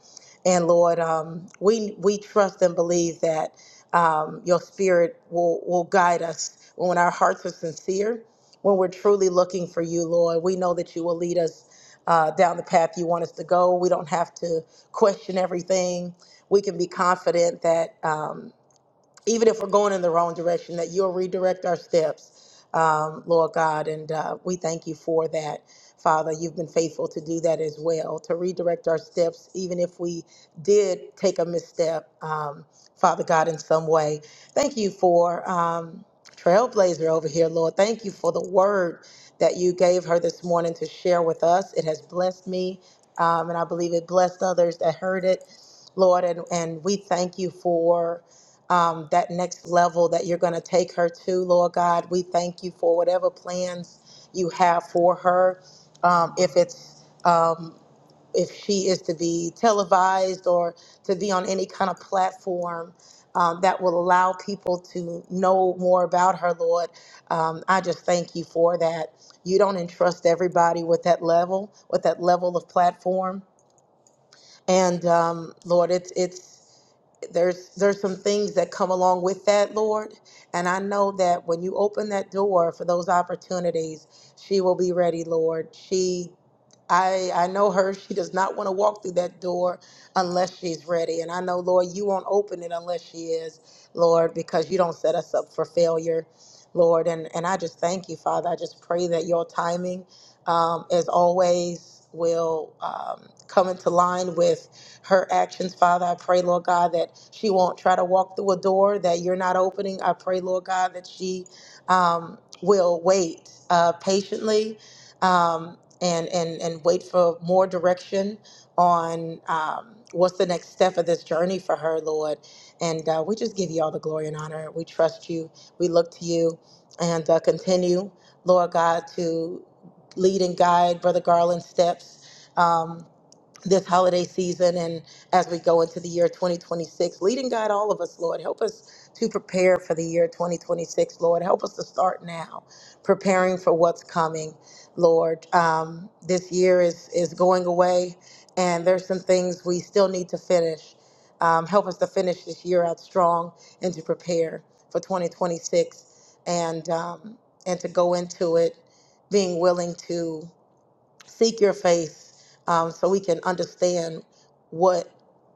And Lord, um, we we trust and believe that um, your spirit will will guide us when our hearts are sincere, when we're truly looking for you, Lord. We know that you will lead us uh, down the path you want us to go. We don't have to question everything. We can be confident that. Um, even if we're going in the wrong direction, that you'll redirect our steps, um, Lord God. And uh, we thank you for that, Father. You've been faithful to do that as well, to redirect our steps, even if we did take a misstep, um, Father God, in some way. Thank you for. Um, Trailblazer over here, Lord. Thank you for the word that you gave her this morning to share with us. It has blessed me, um, and I believe it blessed others that heard it, Lord. And, and we thank you for um, that next level that you're going to take her to, Lord God. We thank you for whatever plans you have for her. Um, if it's um, if she is to be televised or to be on any kind of platform um, that will allow people to know more about her, Lord, um, I just thank you for that. You don't entrust everybody with that level, with that level of platform, and um, Lord, it's it's there's there's some things that come along with that lord and i know that when you open that door for those opportunities she will be ready lord she i i know her she does not want to walk through that door unless she's ready and i know lord you won't open it unless she is lord because you don't set us up for failure lord and and i just thank you father i just pray that your timing um, as always will um, come into line with her actions, Father. I pray, Lord God, that she won't try to walk through a door that you're not opening. I pray, Lord God, that she um, will wait uh, patiently um, and, and, and wait for more direction on um, what's the next step of this journey for her, Lord. And uh, we just give you all the glory and honor. We trust you. We look to you and uh, continue, Lord God, to lead and guide Brother Garland's steps. Um, this holiday season and as we go into the year 2026. Lead and guide all of us, Lord. Help us to prepare for the year 2026, Lord. Help us to start now, preparing for what's coming, Lord. Um, this year is, is going away, and there's some things we still need to finish. Um, help us to finish this year out strong and to prepare for 2026 and, um, and to go into it being willing to seek your face um, so we can understand what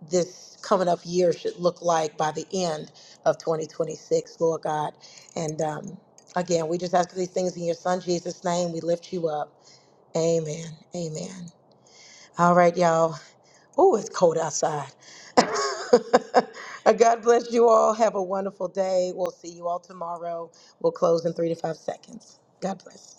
this coming up year should look like by the end of 2026, Lord God. And um, again, we just ask these things in your son Jesus' name. We lift you up. Amen. Amen. All right, y'all. Oh, it's cold outside. God bless you all. Have a wonderful day. We'll see you all tomorrow. We'll close in three to five seconds. God bless.